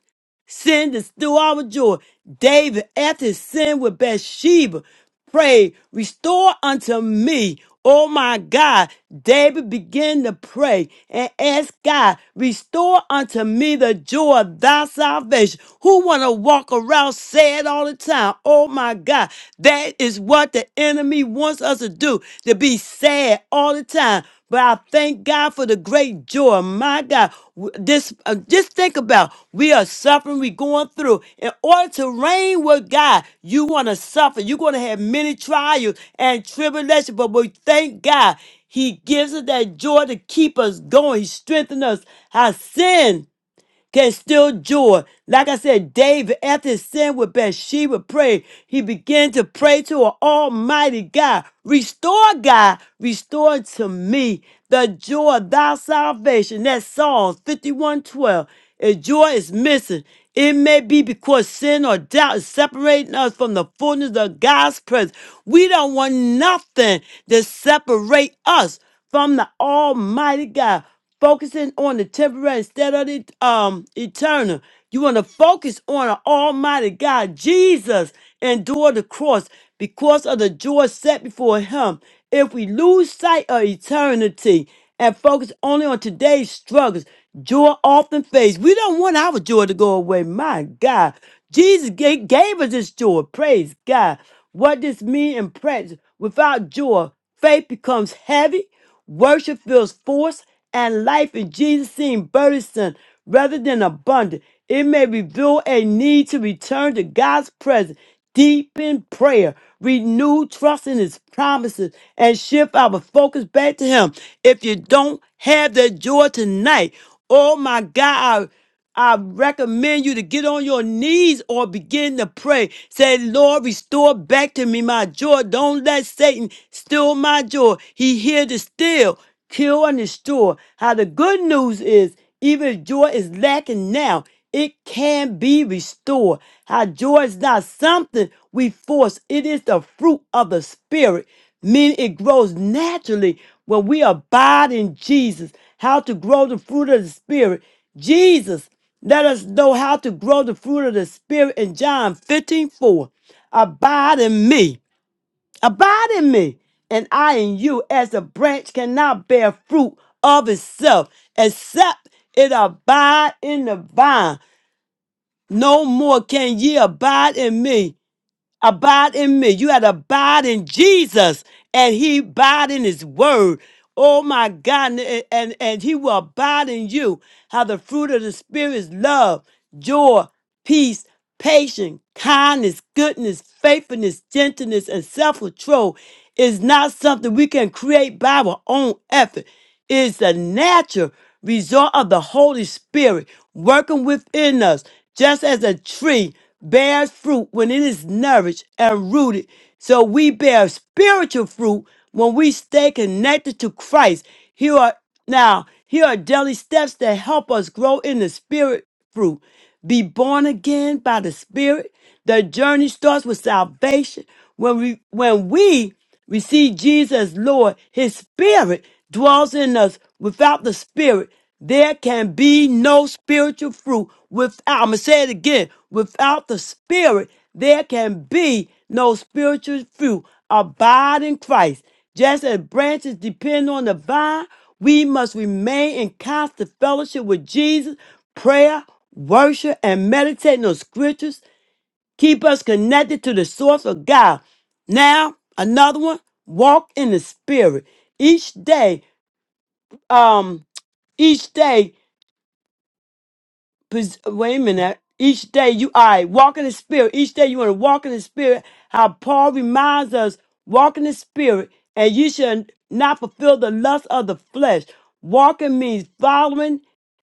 Speaker 2: Sin is still our joy. David, after his sin with Bathsheba, prayed, Restore unto me, O my God. David began to pray and ask God, Restore unto me the joy of thy salvation. Who want to walk around sad all the time? Oh my God. That is what the enemy wants us to do, to be sad all the time. But I thank God for the great joy. My God, w- this uh, just think about we are suffering, we going through. In order to reign with God, you want to suffer. You're going to have many trials and tribulation. But we thank God. He gives us that joy to keep us going. He strengthens us. Our sin can still joy. Like I said, David, after his sin with Bathsheba prayed, he began to pray to an almighty God. Restore, God, restore to me the joy of thy salvation. That's Psalms 51:12. If joy is missing, it may be because sin or doubt is separating us from the fullness of God's presence. We don't want nothing to separate us from the Almighty God focusing on the temporary instead of the um eternal. You want to focus on an Almighty God. Jesus endured the cross because of the joy set before him. If we lose sight of eternity and focus only on today's struggles, joy often fades. We don't want our joy to go away. My God, Jesus ga- gave us this joy. Praise God. What this mean in practice? Without joy, faith becomes heavy. Worship feels forced and life in Jesus seems burdensome rather than abundant. It may reveal a need to return to God's presence, deepen prayer, renew trust in His promises, and shift our focus back to Him. If you don't have that joy tonight, oh my God, I recommend you to get on your knees or begin to pray. Say, Lord, restore back to me my joy. Don't let Satan steal my joy. He here to steal, kill, and destroy. How the good news is, even if joy is lacking now, it can be restored. How joy is not something we force, it is the fruit of the Spirit, meaning it grows naturally when we abide in Jesus. How to grow the fruit of the Spirit. Jesus let us know how to grow the fruit of the Spirit in John 15 4. Abide in me, abide in me, and I in you, as a branch cannot bear fruit of itself except it abide in the vine. No more can ye abide in me abide in me. You had to abide in Jesus, and He abide in His Word. Oh my God, and, and and He will abide in you. How the fruit of the Spirit is love, joy peace, patience, kindness, goodness, faithfulness, gentleness, and self control is not something we can create by our own effort. It is the natural result of the Holy Spirit working within us, just as a tree bears fruit when it is nourished and rooted. So we bear spiritual fruit when we stay connected to Christ. Here are now, here are daily steps that help us grow in the spirit fruit. Be born again by the spirit. The journey starts with salvation. When we when we receive Jesus as Lord, his spirit dwells in us. Without the spirit, there can be no spiritual fruit. Without I'm gonna say it again. Without the spirit, there can be no spiritual fruit. Abide in Christ. Just as branches depend on the vine, we must remain in constant fellowship with Jesus, prayer, worship, and meditating on scriptures. Keep us connected to the source of God. Now, another one, walk in the spirit. Each day, um, each day pres- wait a minute. Each day you all right, walk in the spirit. Each day you want to walk in the spirit. How Paul reminds us, walk in the spirit, and you shall not fulfill the lust of the flesh. Walking means following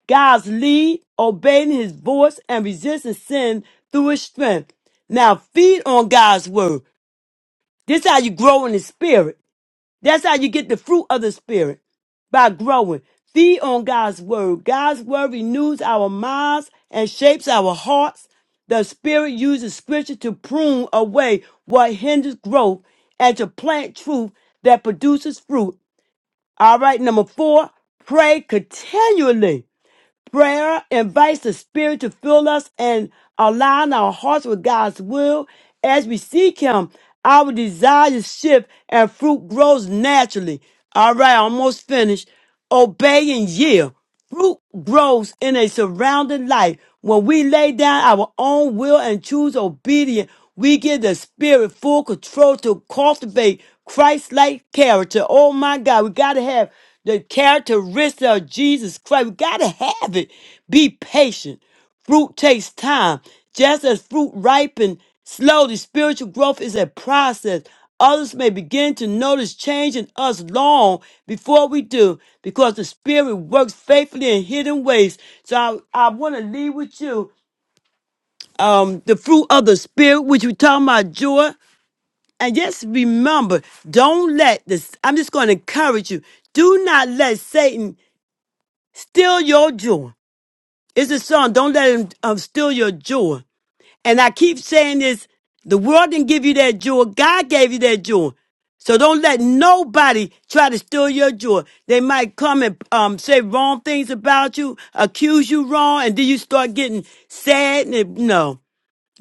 Speaker 2: God's lead, obeying his voice, and resisting sin through his strength. Now feed on God's word. This is how you grow in the spirit. That's how you get the fruit of the Spirit by growing. Feed on God's Word. God's Word renews our minds and shapes our hearts. The Spirit uses Scripture to prune away what hinders growth and to plant truth that produces fruit. All right, number four, pray continually. Prayer invites the Spirit to fill us and align our hearts with God's will. As we seek Him, our desires shift and fruit grows naturally. All right, almost finished. Obey and yield. Fruit grows in a surrounding life when we lay down our own will and choose obedience. We give the spirit full control to cultivate Christ like character. Oh my God, we got to have the characteristic of Jesus Christ. We got to have it. Be patient. Fruit takes time. Just as fruit ripen slowly, spiritual growth is a process. Others may begin to notice change in us long before we do, because the Spirit works faithfully in hidden ways. So I, I want to leave with you um, the fruit of the spirit, which we talking about joy. And just remember, don't let this. I'm just going to encourage you. Do not let Satan steal your joy. It's a song. Don't let him um, steal your joy. And I keep saying this: the world didn't give you that joy. God gave you that joy. So don't let nobody try to steal your joy. They might come and um, say wrong things about you, accuse you wrong, and then you start getting sad. And it- no,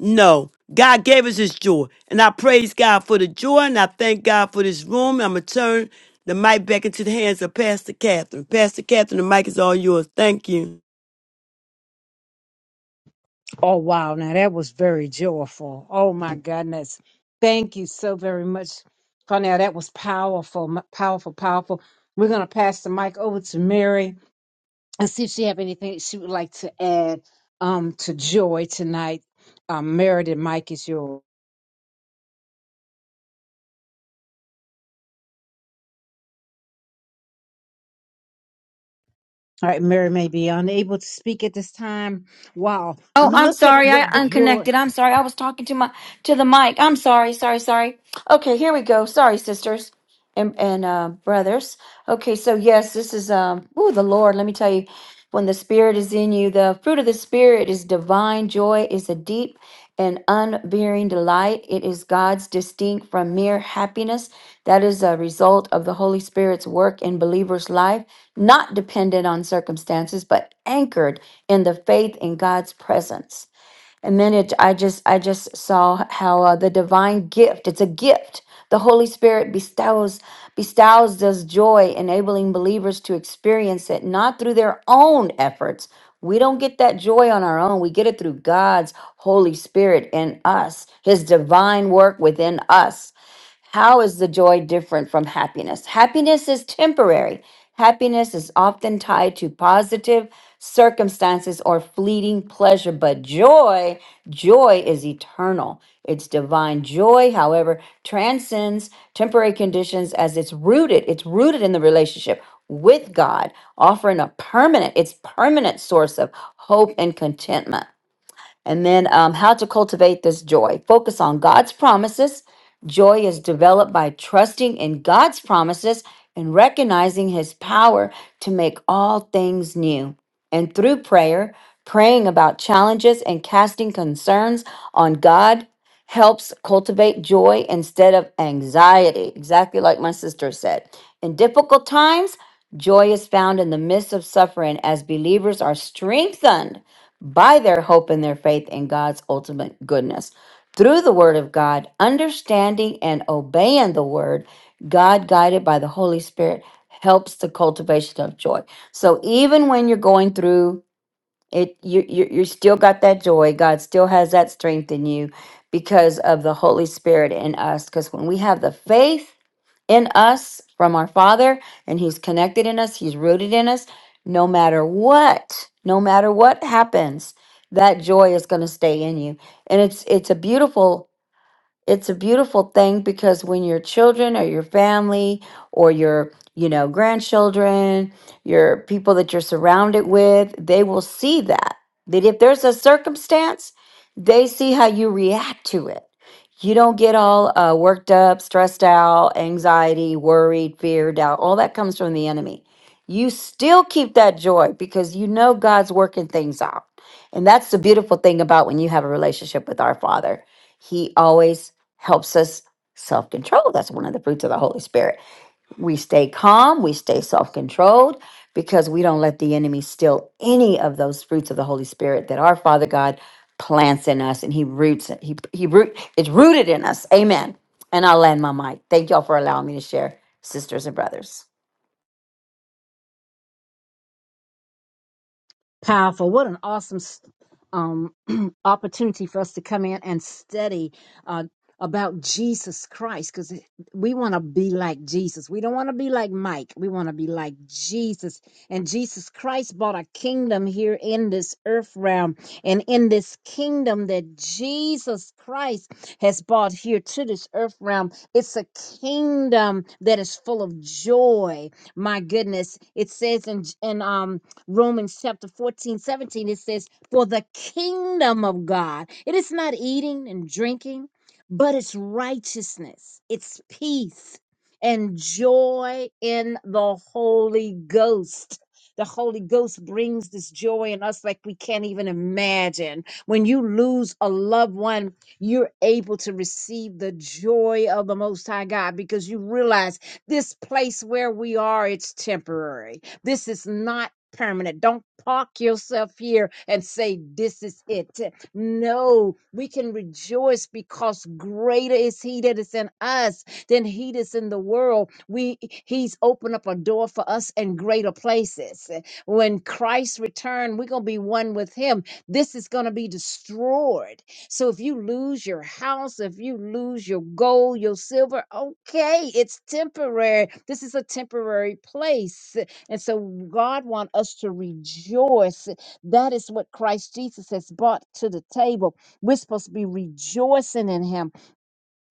Speaker 2: no, God gave us his joy. And I praise God for the joy and I thank God for this room. I'm going to turn the mic back into the hands of Pastor Catherine. Pastor Catherine, the mic is all yours. Thank you.
Speaker 3: Oh, wow. Now that was very joyful. Oh, my goodness. Thank you so very much, Cornell. That was powerful, m- powerful, powerful. We're going to pass the mic over to Mary and see if she have anything she would like to add um, to Joy tonight. Um, Mary, the mic is yours. All right, Mary may be unable to speak at this time. Wow.
Speaker 4: Oh, I'm
Speaker 3: Look at
Speaker 4: sorry.
Speaker 3: what
Speaker 4: I
Speaker 3: joy.
Speaker 4: unconnected. I'm sorry. I was talking to my to the mic. I'm sorry. Sorry. Sorry. Okay, here we go. Sorry, sisters and and uh, brothers. Okay, so yes, this is um. Oh, the Lord. Let me tell you, when the Spirit is in you, the fruit of the Spirit is divine joy. Is a deep and unvarying delight. It is God's distinct from mere happiness that is a result of the Holy Spirit's work in believers' life, not dependent on circumstances, but anchored in the faith in God's presence. And then it, I just, I just saw how uh, the divine gift, it's a gift. The Holy Spirit bestows, bestows us joy, enabling believers to experience it, not through their own efforts. We don't get that joy on our own. We get it through God's Holy Spirit in us, His divine work within us. How is the joy different from happiness? Happiness is temporary. Happiness is often tied to positive circumstances or fleeting pleasure, but joy, joy is eternal. It's divine joy, however, transcends temporary conditions as it's rooted. It's rooted in the relationship with God, offering a permanent, its permanent source of hope and contentment. And then um, how to cultivate this joy. Focus on God's promises. Joy is developed by trusting in God's promises and recognizing his power to make all things new. And through prayer, praying about challenges and casting concerns on God helps cultivate joy instead of anxiety, exactly like my sister said. In difficult times, joy is found in the midst of suffering as believers are strengthened by their hope and their faith in God's ultimate goodness. Through the Word of God, understanding and obeying the Word, God guided by the Holy Spirit helps the cultivation of joy. So even when you're going through it, you, you, you still got that joy. God still has that strength in you because of the Holy Spirit in us. Because when we have the faith, in us from our Father, and He's connected in us, He's rooted in us. No matter what, no matter what happens, that joy is going to stay in you. And it's it's a beautiful it's a beautiful thing because when your children or your family or your you know grandchildren your people that you're surrounded with they will see that that if there's a circumstance they see how you react to it you don't get all uh, worked up stressed out anxiety worried fear doubt all that comes from the enemy you still keep that joy because you know god's working things out and that's the beautiful thing about when you have a relationship with our father he always helps us self control. That's one of the fruits of the Holy Spirit. We stay calm, we stay self controlled because we don't let the enemy steal any of those fruits of the Holy Spirit that our Father God plants in us and he roots it. He, he root, it's rooted in us. Amen. And I'll land my mic. Thank y'all for allowing me to share, sisters and brothers.
Speaker 3: Powerful. What an awesome s- um, opportunity for us to come in and study uh, about Jesus Christ because we want to be like Jesus. We don't want to be like Mike. We want to be like Jesus. And Jesus Christ bought a kingdom here in this earth realm and in this kingdom that Jesus Christ has brought here to this earth realm. It's a kingdom that is full of joy. My goodness. It says in, in um, Romans chapter 14 17 it says, For the kingdom of God, it is not eating and drinking, but it's righteousness, it's peace, and joy in the Holy Ghost. The Holy Ghost brings this joy in us like we can't even imagine. When you lose a loved one, you're able to receive the joy of the Most High God because you realize this place where we are, it's temporary this is not permanent. Don't park yourself here and say, This is it. No, we can rejoice because greater is He that is in us than He that's in the world. We He's opened up a door for us in greater places. When Christ returns, we're gonna be one with Him. This is gonna be destroyed. So if you lose your house, if you lose your gold, your silver, okay, it's temporary. This is a temporary place. And so God wants us to rejoice. That is what Christ Jesus has brought to the table. We're supposed to be rejoicing in him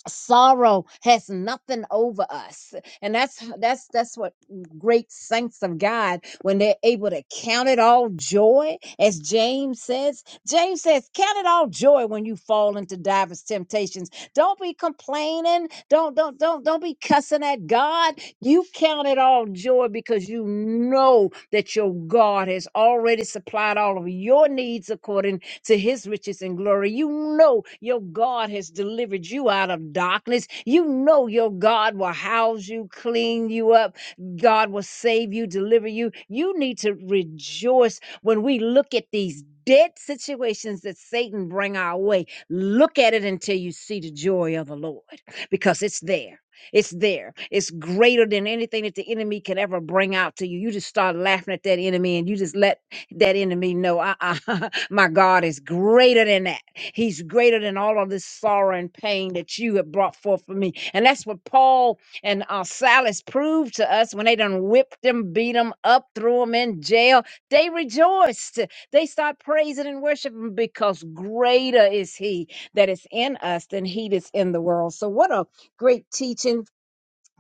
Speaker 3: sorrow has nothing over us and that's that's that's what great saints of god when they're able to count it all joy as james says james says count it all joy when you fall into divers temptations don't be complaining don't don't don't don't be cussing at god you count it all joy because you know that your god has already supplied all of your needs according to his riches and glory. You know your God has delivered you out of darkness. You know your God will house you, clean you up. God will save you, deliver you. You need to rejoice when we look at these dead situations that Satan bring our way. Look at it until you see the joy of the Lord because it's there. It's there. It's greater than anything that the enemy can ever bring out to you. You just start laughing at that enemy and you just let that enemy know uh-uh, my God is greater than that. He's greater than all of this sorrow and pain that you have brought forth for me. And that's what Paul and uh, Silas proved to us when they done whipped them, beat them up, threw them in jail. They rejoiced. They start praising and worshiping because greater is he that is in us than he that's in the world. So what a great teaching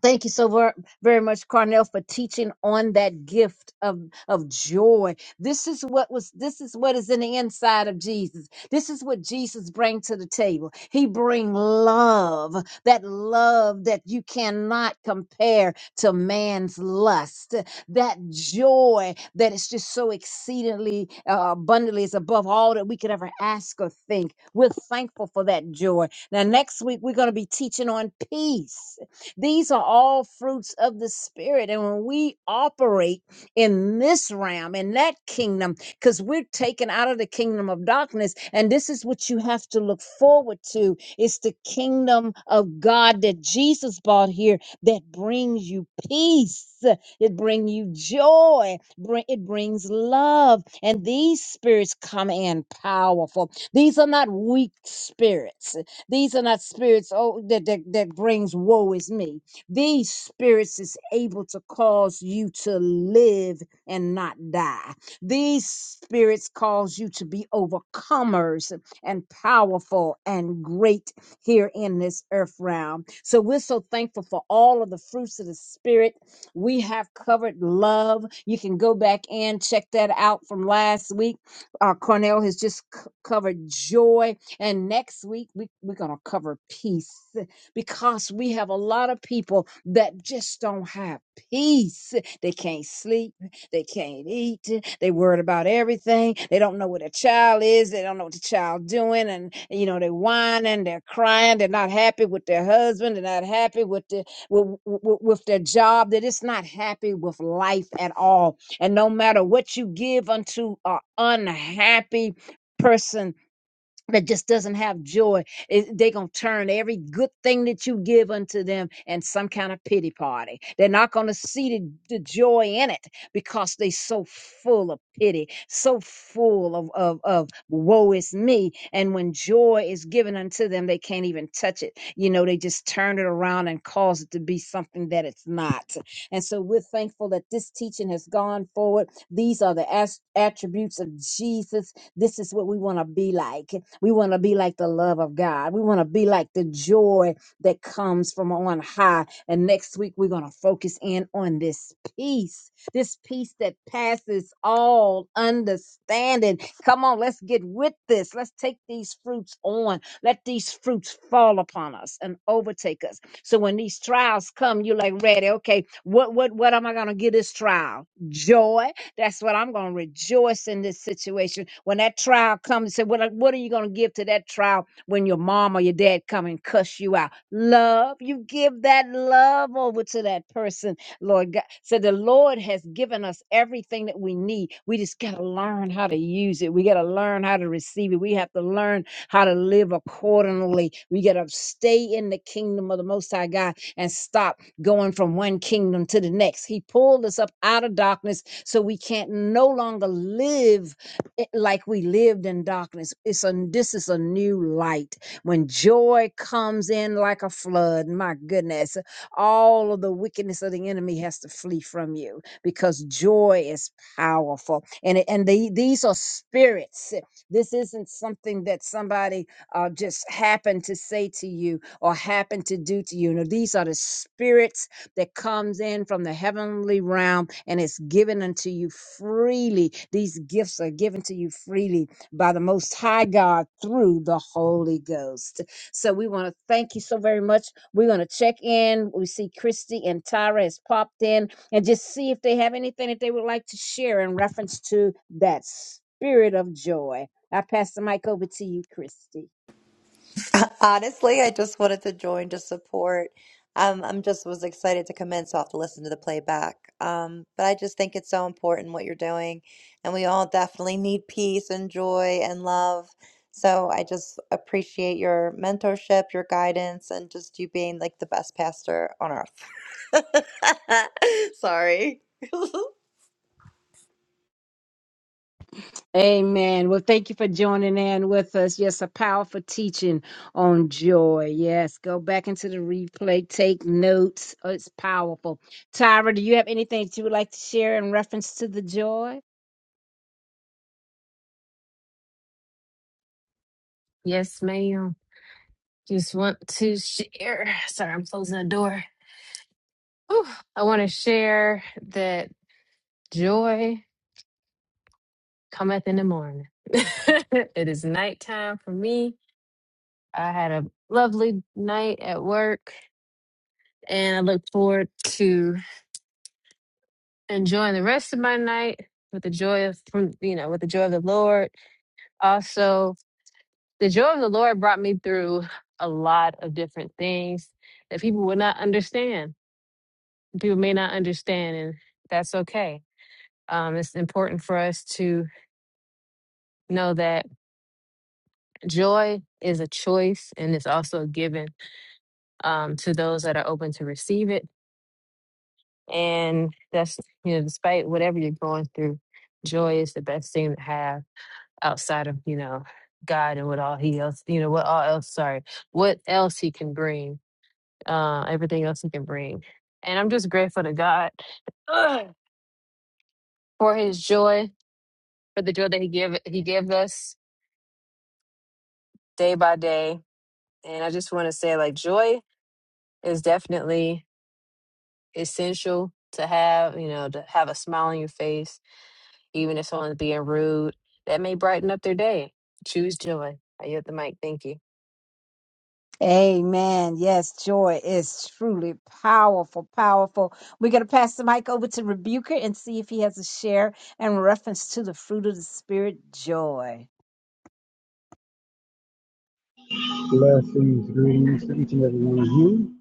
Speaker 3: Thank you so ver- very much, Carnell, for teaching on that gift of, of joy. This is what was, this is what is in the inside of Jesus. This is what Jesus brings to the table. He bring love, that love that you cannot compare to man's lust, that joy that is just so exceedingly uh, abundantly is above all that we could ever ask or think. We're thankful for that joy. Now, next week, we're going to be teaching on peace these are all fruits of the Spirit. And when we operate in this realm, in that kingdom, because we're taken out of the kingdom of darkness, and this is what you have to look forward to. It's the kingdom of God that Jesus brought here that brings you peace. It brings you joy. Bring, it brings love. And these spirits come in powerful. These are not weak spirits. These are not spirits oh, that, that, that brings woe is me. These spirits is able to cause you to live and not die. These spirits cause you to be overcomers and powerful and great here in this earth realm. So we're so thankful for all of the fruits of the spirit. We have covered love. You can go back and check that out from last week. Uh, Cornell has just c- covered joy. And next week, we, we're going to cover peace because we have a lot of people that just don't have peace. They can't sleep. They can't eat. They worried about everything. They don't know where their child is. They don't know what the child doing. And, you know, they're whining, they're crying. They're not happy with their husband. They're not happy with, the, with, with, with their job. They're just not happy with life at all. And no matter what you give unto an unhappy person, that just doesn't have joy it, they going to turn every good thing that you give unto them and some kind of pity party they're not going to see the, the joy in it because they so full of pity so full of, of of woe is me and when joy is given unto them they can't even touch it you know they just turn it around and cause it to be something that it's not and so we're thankful that this teaching has gone forward these are the as- attributes of jesus this is what we want to be like. We want to be like the love of God. We want to be like the joy that comes from on high. And next week, we're going to focus in on this peace, this peace that passes all understanding. Come on, let's get with this. Let's take these fruits on. Let these fruits fall upon us and overtake us. So when these trials come, you're like, ready, okay, what, what, what am I going to get this trial? Joy that's what I'm going to rejoice in this situation. When that trial comes, say, what, like, what are you going to give to that trial when your mom or your dad come and cuss you out? Love. You give that love over to that person, Lord God. So the Lord has given us everything that we need. We just got to learn how to use it. We got to learn how to receive it. We have to learn how to live accordingly. We got to stay in the kingdom of the Most High God and stop going from one kingdom to the next. He pulled us up out of darkness so we can't no longer live i- like we lived in darkness. It's a this is a new light. When joy comes in like a flood, my goodness, all of the wickedness of the enemy has to flee from you because joy is powerful. And it- and the, these are spirits. This isn't something that somebody uh, just happened to say to you or happened to do to you. No, these are the spirits that comes in from the heavenly realm and it's given unto you freely. These gifts are given to you freely by the Most High God through the Holy Ghost. So we want to thank you so very much. We're going to check in. We see Christy and Tyra has popped in and just see if they have anything that they would like to share in reference to that spirit of joy. I pass the mic over to you, Christy.
Speaker 5: Honestly, I just wanted to join to support. Um, I'm just was excited to come in, so I'll have to listen to the playback. Um, but I just think it's so important what you're doing, and we all definitely need peace and joy and love. So I just appreciate your mentorship, your guidance, and just you being like the best pastor on earth. Sorry.
Speaker 3: Amen. Well, thank you for joining in with us. Yes, a powerful teaching on joy. Yes, go back into the replay, take notes. Oh, it's powerful. Tyra, do you have anything that you would like to share in reference to the joy?
Speaker 6: Yes, ma'am. Just want to share. Sorry, I'm closing the door. Whew. I want to share that joy cometh in the morning. it is nighttime for me. I had a lovely night at work, and I look forward to enjoying the rest of my night with the joy of from you know with the joy of the Lord. Also, the joy of the Lord brought me through a lot of different things that people would not understand people may not understand, and that's okay. Um, it's important for us to know that joy is a choice and it's also a given um, to those that are open to receive it. And that's, you know, despite whatever you're going through, joy is the best thing to have outside of, you know, God and what all He else, you know, what all else, sorry, what else He can bring, uh, everything else He can bring. And I'm just grateful to God for His joy for the joy that he give he gave us day by day. And I just want to say like joy is definitely essential to have, you know, to have a smile on your face, even if someone's being rude. That may brighten up their day. Choose joy. I yield the mic. Thank you.
Speaker 3: Amen. Yes, joy is truly powerful, powerful. We're going to pass the mic over to Rebuker and see if he has a share in reference to the fruit of the Spirit, joy.
Speaker 7: Blessings, greetings to each and every one of you.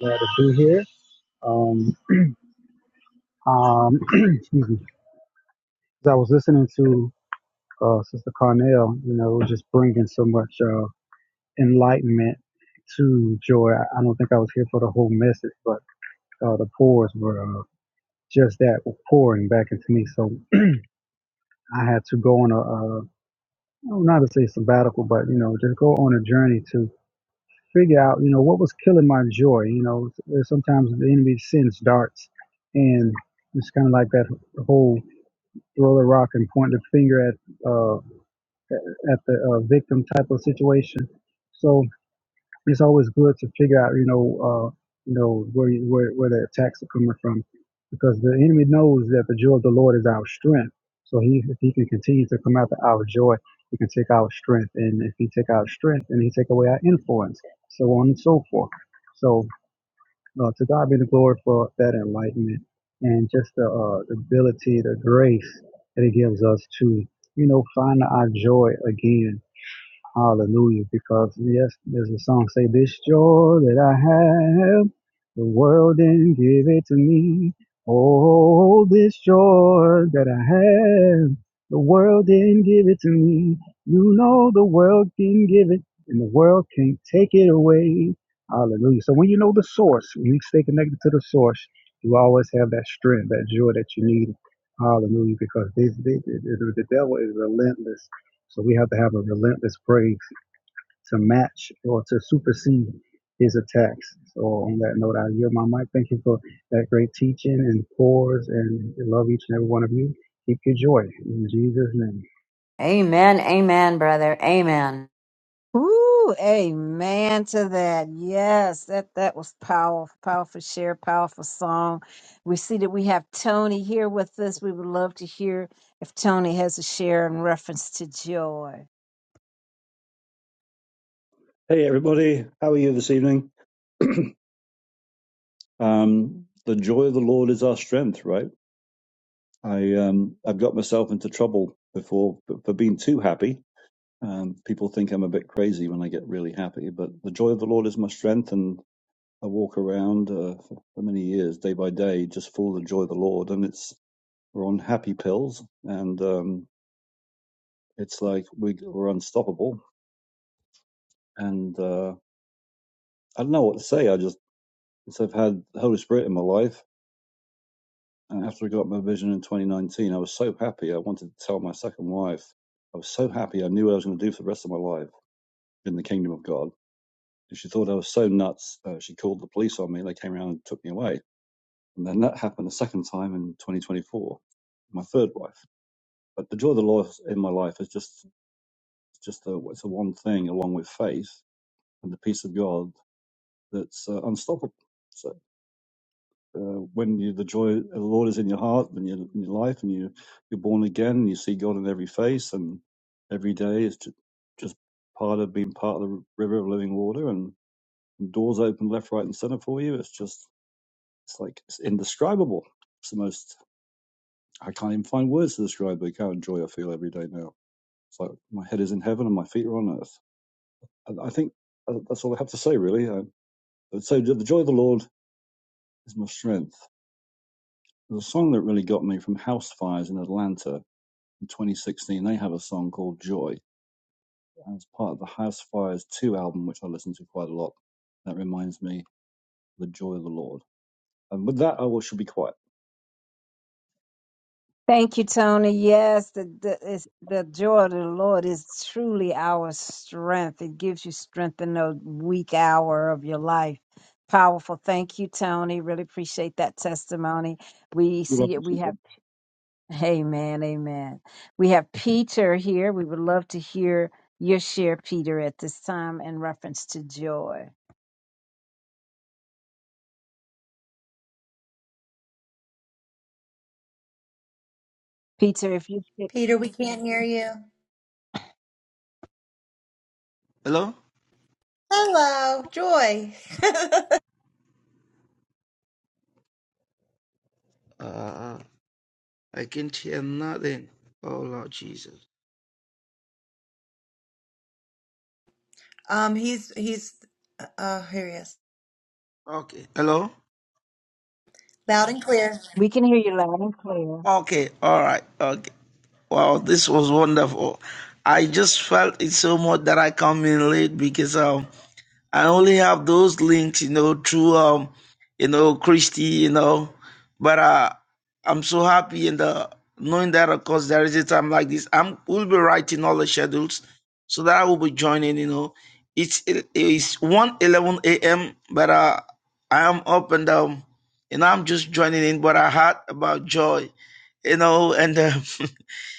Speaker 7: Glad to be here. Um, um, excuse me. As I was listening to uh, Sister Carnell, you know, it was just bringing so much uh, enlightenment to joy. I I don't think I was here for the whole message, but uh, the pours were uh, just that were pouring back into me. So I had to go on a, uh, I don't know how to say sabbatical, but you know, just go on a journey to figure out, you know, what was killing my joy. You know, sometimes the enemy sends darts, and it's kind of like that whole throw the rock and point the finger at uh, at at the uh, victim type of situation. So it's always good to figure out, you know, uh, you know where you, where where the attacks are coming from, because the enemy knows that the joy of the Lord is our strength. So he if he can continue to come after our joy, he can take our strength, and if he take our strength, and he take away our influence, so on and so forth. So uh, to God be the glory for that enlightenment and just the, uh, the ability, the grace that He gives us to, you know, find our joy again Hallelujah. Because yes, there's a song say, This joy that I have, the world didn't give it to me. Oh, this joy that I have, the world didn't give it to me. You know the world can give it and the world can't take it away. Hallelujah. So when you know the source, when you stay connected to the source, you always have that strength, that joy that you need. Hallelujah. Because this, this, the the devil is relentless so we have to have a relentless praise to match or to supersede his attacks. So on that note, I yield my mic. Thank you for that great teaching and pause and love each and every one of you. Keep your joy in Jesus' name.
Speaker 4: Amen. Amen, brother. Amen.
Speaker 3: Ooh, amen to that. Yes, that that was powerful, powerful share, powerful song. We see that we have Tony here with us. We would love to hear if Tony has a share in reference to joy.
Speaker 8: Hey, everybody. How are you this evening? Um, the joy of the Lord is our strength, right? I, um, I've got myself into trouble before for for being too happy. Um, people think I'm a bit crazy when I get really happy, but the joy of the Lord is my strength. And I walk around uh, for, for many years, day by day, just full of the joy of the Lord. And it's, we're on happy pills and, um, it's like we, we're unstoppable. And, uh, I don't know what to say. I just, since I've had the Holy Spirit in my life, And after I got my vision in 2019, I was so happy. I wanted to tell my second wife. I was so happy. I knew what I was going to do for the rest of my life in the kingdom of God. And she thought I was so nuts. Uh, she called the police on me. They came around and took me away. And then that happened a second time in 2024. My third wife. But the joy of the Lord in my life is just just a, it's a one thing along with faith and the peace of God that's uh, unstoppable. So uh, when you, the joy of the Lord is in your heart and your, in your life, and you you're born again, and you see God in every face, and every day is just, just part of being part of the river of living water, and doors open left, right, and center for you. It's just it's like it's indescribable. It's the most I can't even find words to describe the kind of joy I feel every day now. It's like my head is in heaven and my feet are on earth. And I think uh, that's all I have to say, really. I, so the joy of the Lord is my strength. There's a song that really got me from House Fires in Atlanta in 2016, they have a song called Joy. as part of the House Fires 2 album, which I listen to quite a lot. That reminds me, The Joy of the Lord. And with that, I will should be quiet.
Speaker 3: Thank you, Tony. Yes, the the, it's, the joy of the Lord is truly our strength. It gives you strength in the weak hour of your life. Powerful. Thank you, Tony. Really appreciate that testimony. We
Speaker 8: You're
Speaker 3: see
Speaker 8: welcome,
Speaker 3: it. We
Speaker 8: sister.
Speaker 3: have. Amen. Amen. We have Peter here. We would love to hear your share, Peter, at this time in reference to joy. Peter, if you could.
Speaker 5: Peter, we can't hear you.
Speaker 9: Hello?
Speaker 5: Hello, Joy.
Speaker 9: Uh, I can't hear nothing. Oh, Lord Jesus.
Speaker 5: um, he's he's uh, here he is,
Speaker 9: Okay. Hello?
Speaker 5: loud and clear.
Speaker 3: We can hear you loud and clear.
Speaker 9: Okay. All right. Okay. Wow, this was wonderful. I just felt it so much that I come in late because of I only have those links, you know, through um, you know, Christy, you know. But uh I'm so happy in the knowing that of course there is a time like this. I'm will be writing all the schedules so that I will be joining, you know. It's it is one eleven AM, but uh I am up and um you know I'm just joining in, but I heard about joy, you know, and uh,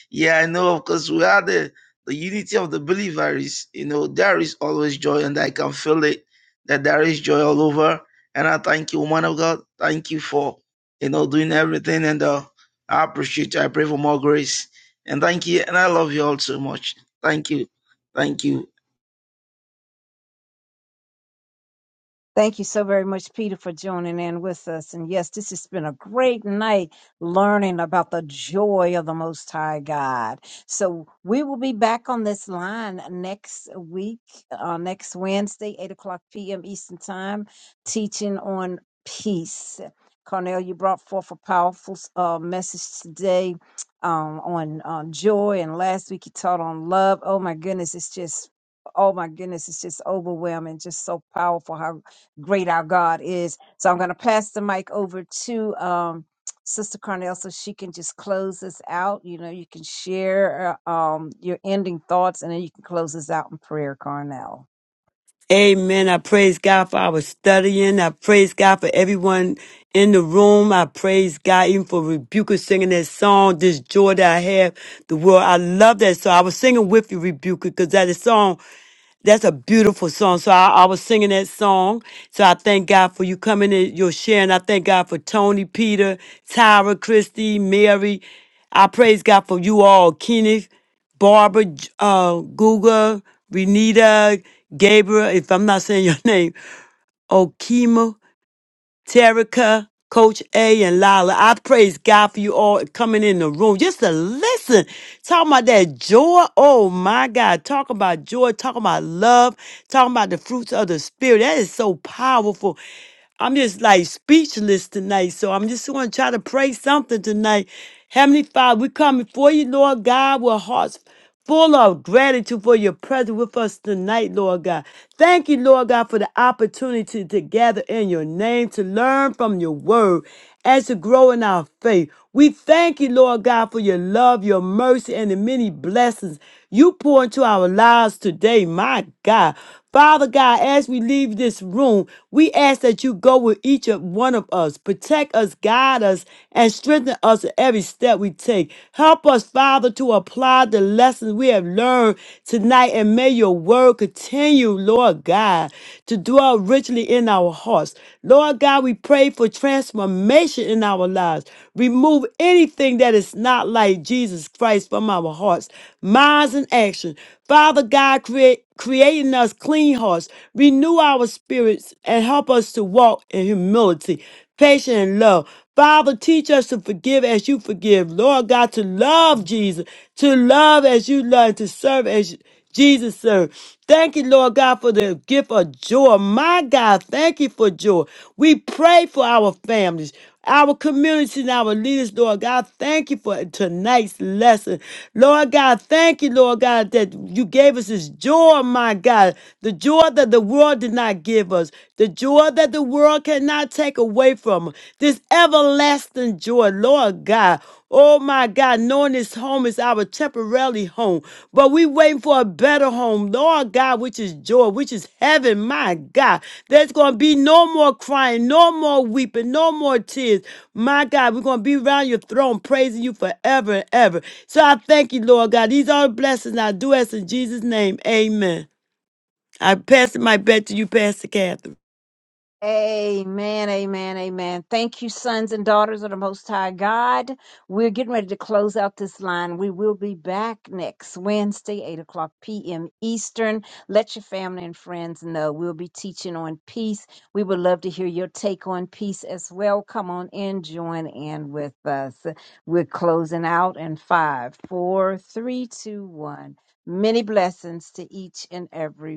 Speaker 9: Yeah, I know, because we are the, the unity of the believers. You know, there is always joy, and I can feel it that there is joy all over. And I thank you, woman of God. Thank you for, you know, doing everything. And uh, I appreciate you. I pray for more grace. And thank you. And I love you all so much. Thank you. Thank you.
Speaker 3: Thank you so very much, Peter, for joining in with us. And yes, this has been a great night learning about the joy of the Most High God. So we will be back on this line next week, uh, next Wednesday, 8 o'clock p.m. Eastern Time, teaching on peace. Cornell, you brought forth a powerful uh, message today um, on, on joy. And last week you taught on love. Oh, my goodness, it's just oh my goodness, it's just overwhelming, just so powerful how great our God is. So I'm going to pass the mic over to um, Sister Carnell so she can just close us out. You know, you can share uh, um, your ending thoughts and then you can close us out in prayer, Carnell.
Speaker 2: Amen. I praise God for our studying. I praise God for everyone in the room. I praise God even for Rebuker singing that song, This Joy That I Have, the World. I love that song. I was singing with you, Rebuker, because that is song That's a beautiful song. So I, I was singing that song. So I thank God for you coming in, your sharing. I thank God for Tony, Peter, Tyra, Christy, Mary. I praise God for you all, Kenneth, Barbara, J- uh, Guga, Renita, Gabriel, if I'm not saying your name, Okima. Terica, Coach A, and Lila. I praise God for you all coming in the room just to listen. Talking about that joy. Oh my God. Talking about joy. Talking about love. Talking about the fruits of the Spirit. That is so powerful. I'm just like speechless tonight. So I'm just going to try to pray something tonight. Heavenly Father, we come before you, Lord God, with hearts full of gratitude for your presence with us tonight, Lord God. Thank you, Lord God, for the opportunity to gather in your name to learn from your word and to grow in our faith. We thank you, Lord God, for your love, your mercy, and the many blessings you pour into our lives today, my God. Father God, as we leave this room, we ask that you go with each of one of us, protect us, guide us, and strengthen us in every step we take. Help us, Father, to apply the lessons we have learned tonight, and may your word continue, Lord God, to dwell richly in our hearts. Lord God, we pray for transformation in our lives. Remove anything that is not like Jesus Christ from our hearts our hearts, minds, and action. Father God, create, creating us clean hearts, renew our spirits, and help us to walk in humility, patience, and love. Father, teach us to forgive as you forgive. Lord God, to love Jesus, to love as you love, to serve as Jesus, sir. Thank you, Lord God, for the gift of joy. My God, thank you for joy. We pray for our families, our communities, and our leaders, Lord God. Thank you for tonight's lesson. Lord God, thank you, Lord God, that you gave us this joy, my God. The joy that the world did not give us, the joy that the world cannot take away from us. This everlasting joy, Lord God. Oh my God, knowing this home is our temporarily home, but we waiting for a better home, Lord God, which is joy, which is heaven, my God. There's gonna be no more crying, no more weeping, no more tears. My God, we're gonna be around your throne, praising you forever and ever. So I thank you, Lord God. These are the blessings I do ask in Jesus' name. Amen. I pass my bet to you, Pastor Catherine.
Speaker 3: Amen, amen, amen. Thank you, sons and daughters of the Most High God. We're getting ready to close out this line. We will be back next Wednesday, 8 o'clock p.m. Eastern. Let your family and friends know. We'll be teaching on peace. We would love to hear your take on peace as well. Come on in, join in with us. We're closing out in five, four, three, two, one. Many blessings to each and every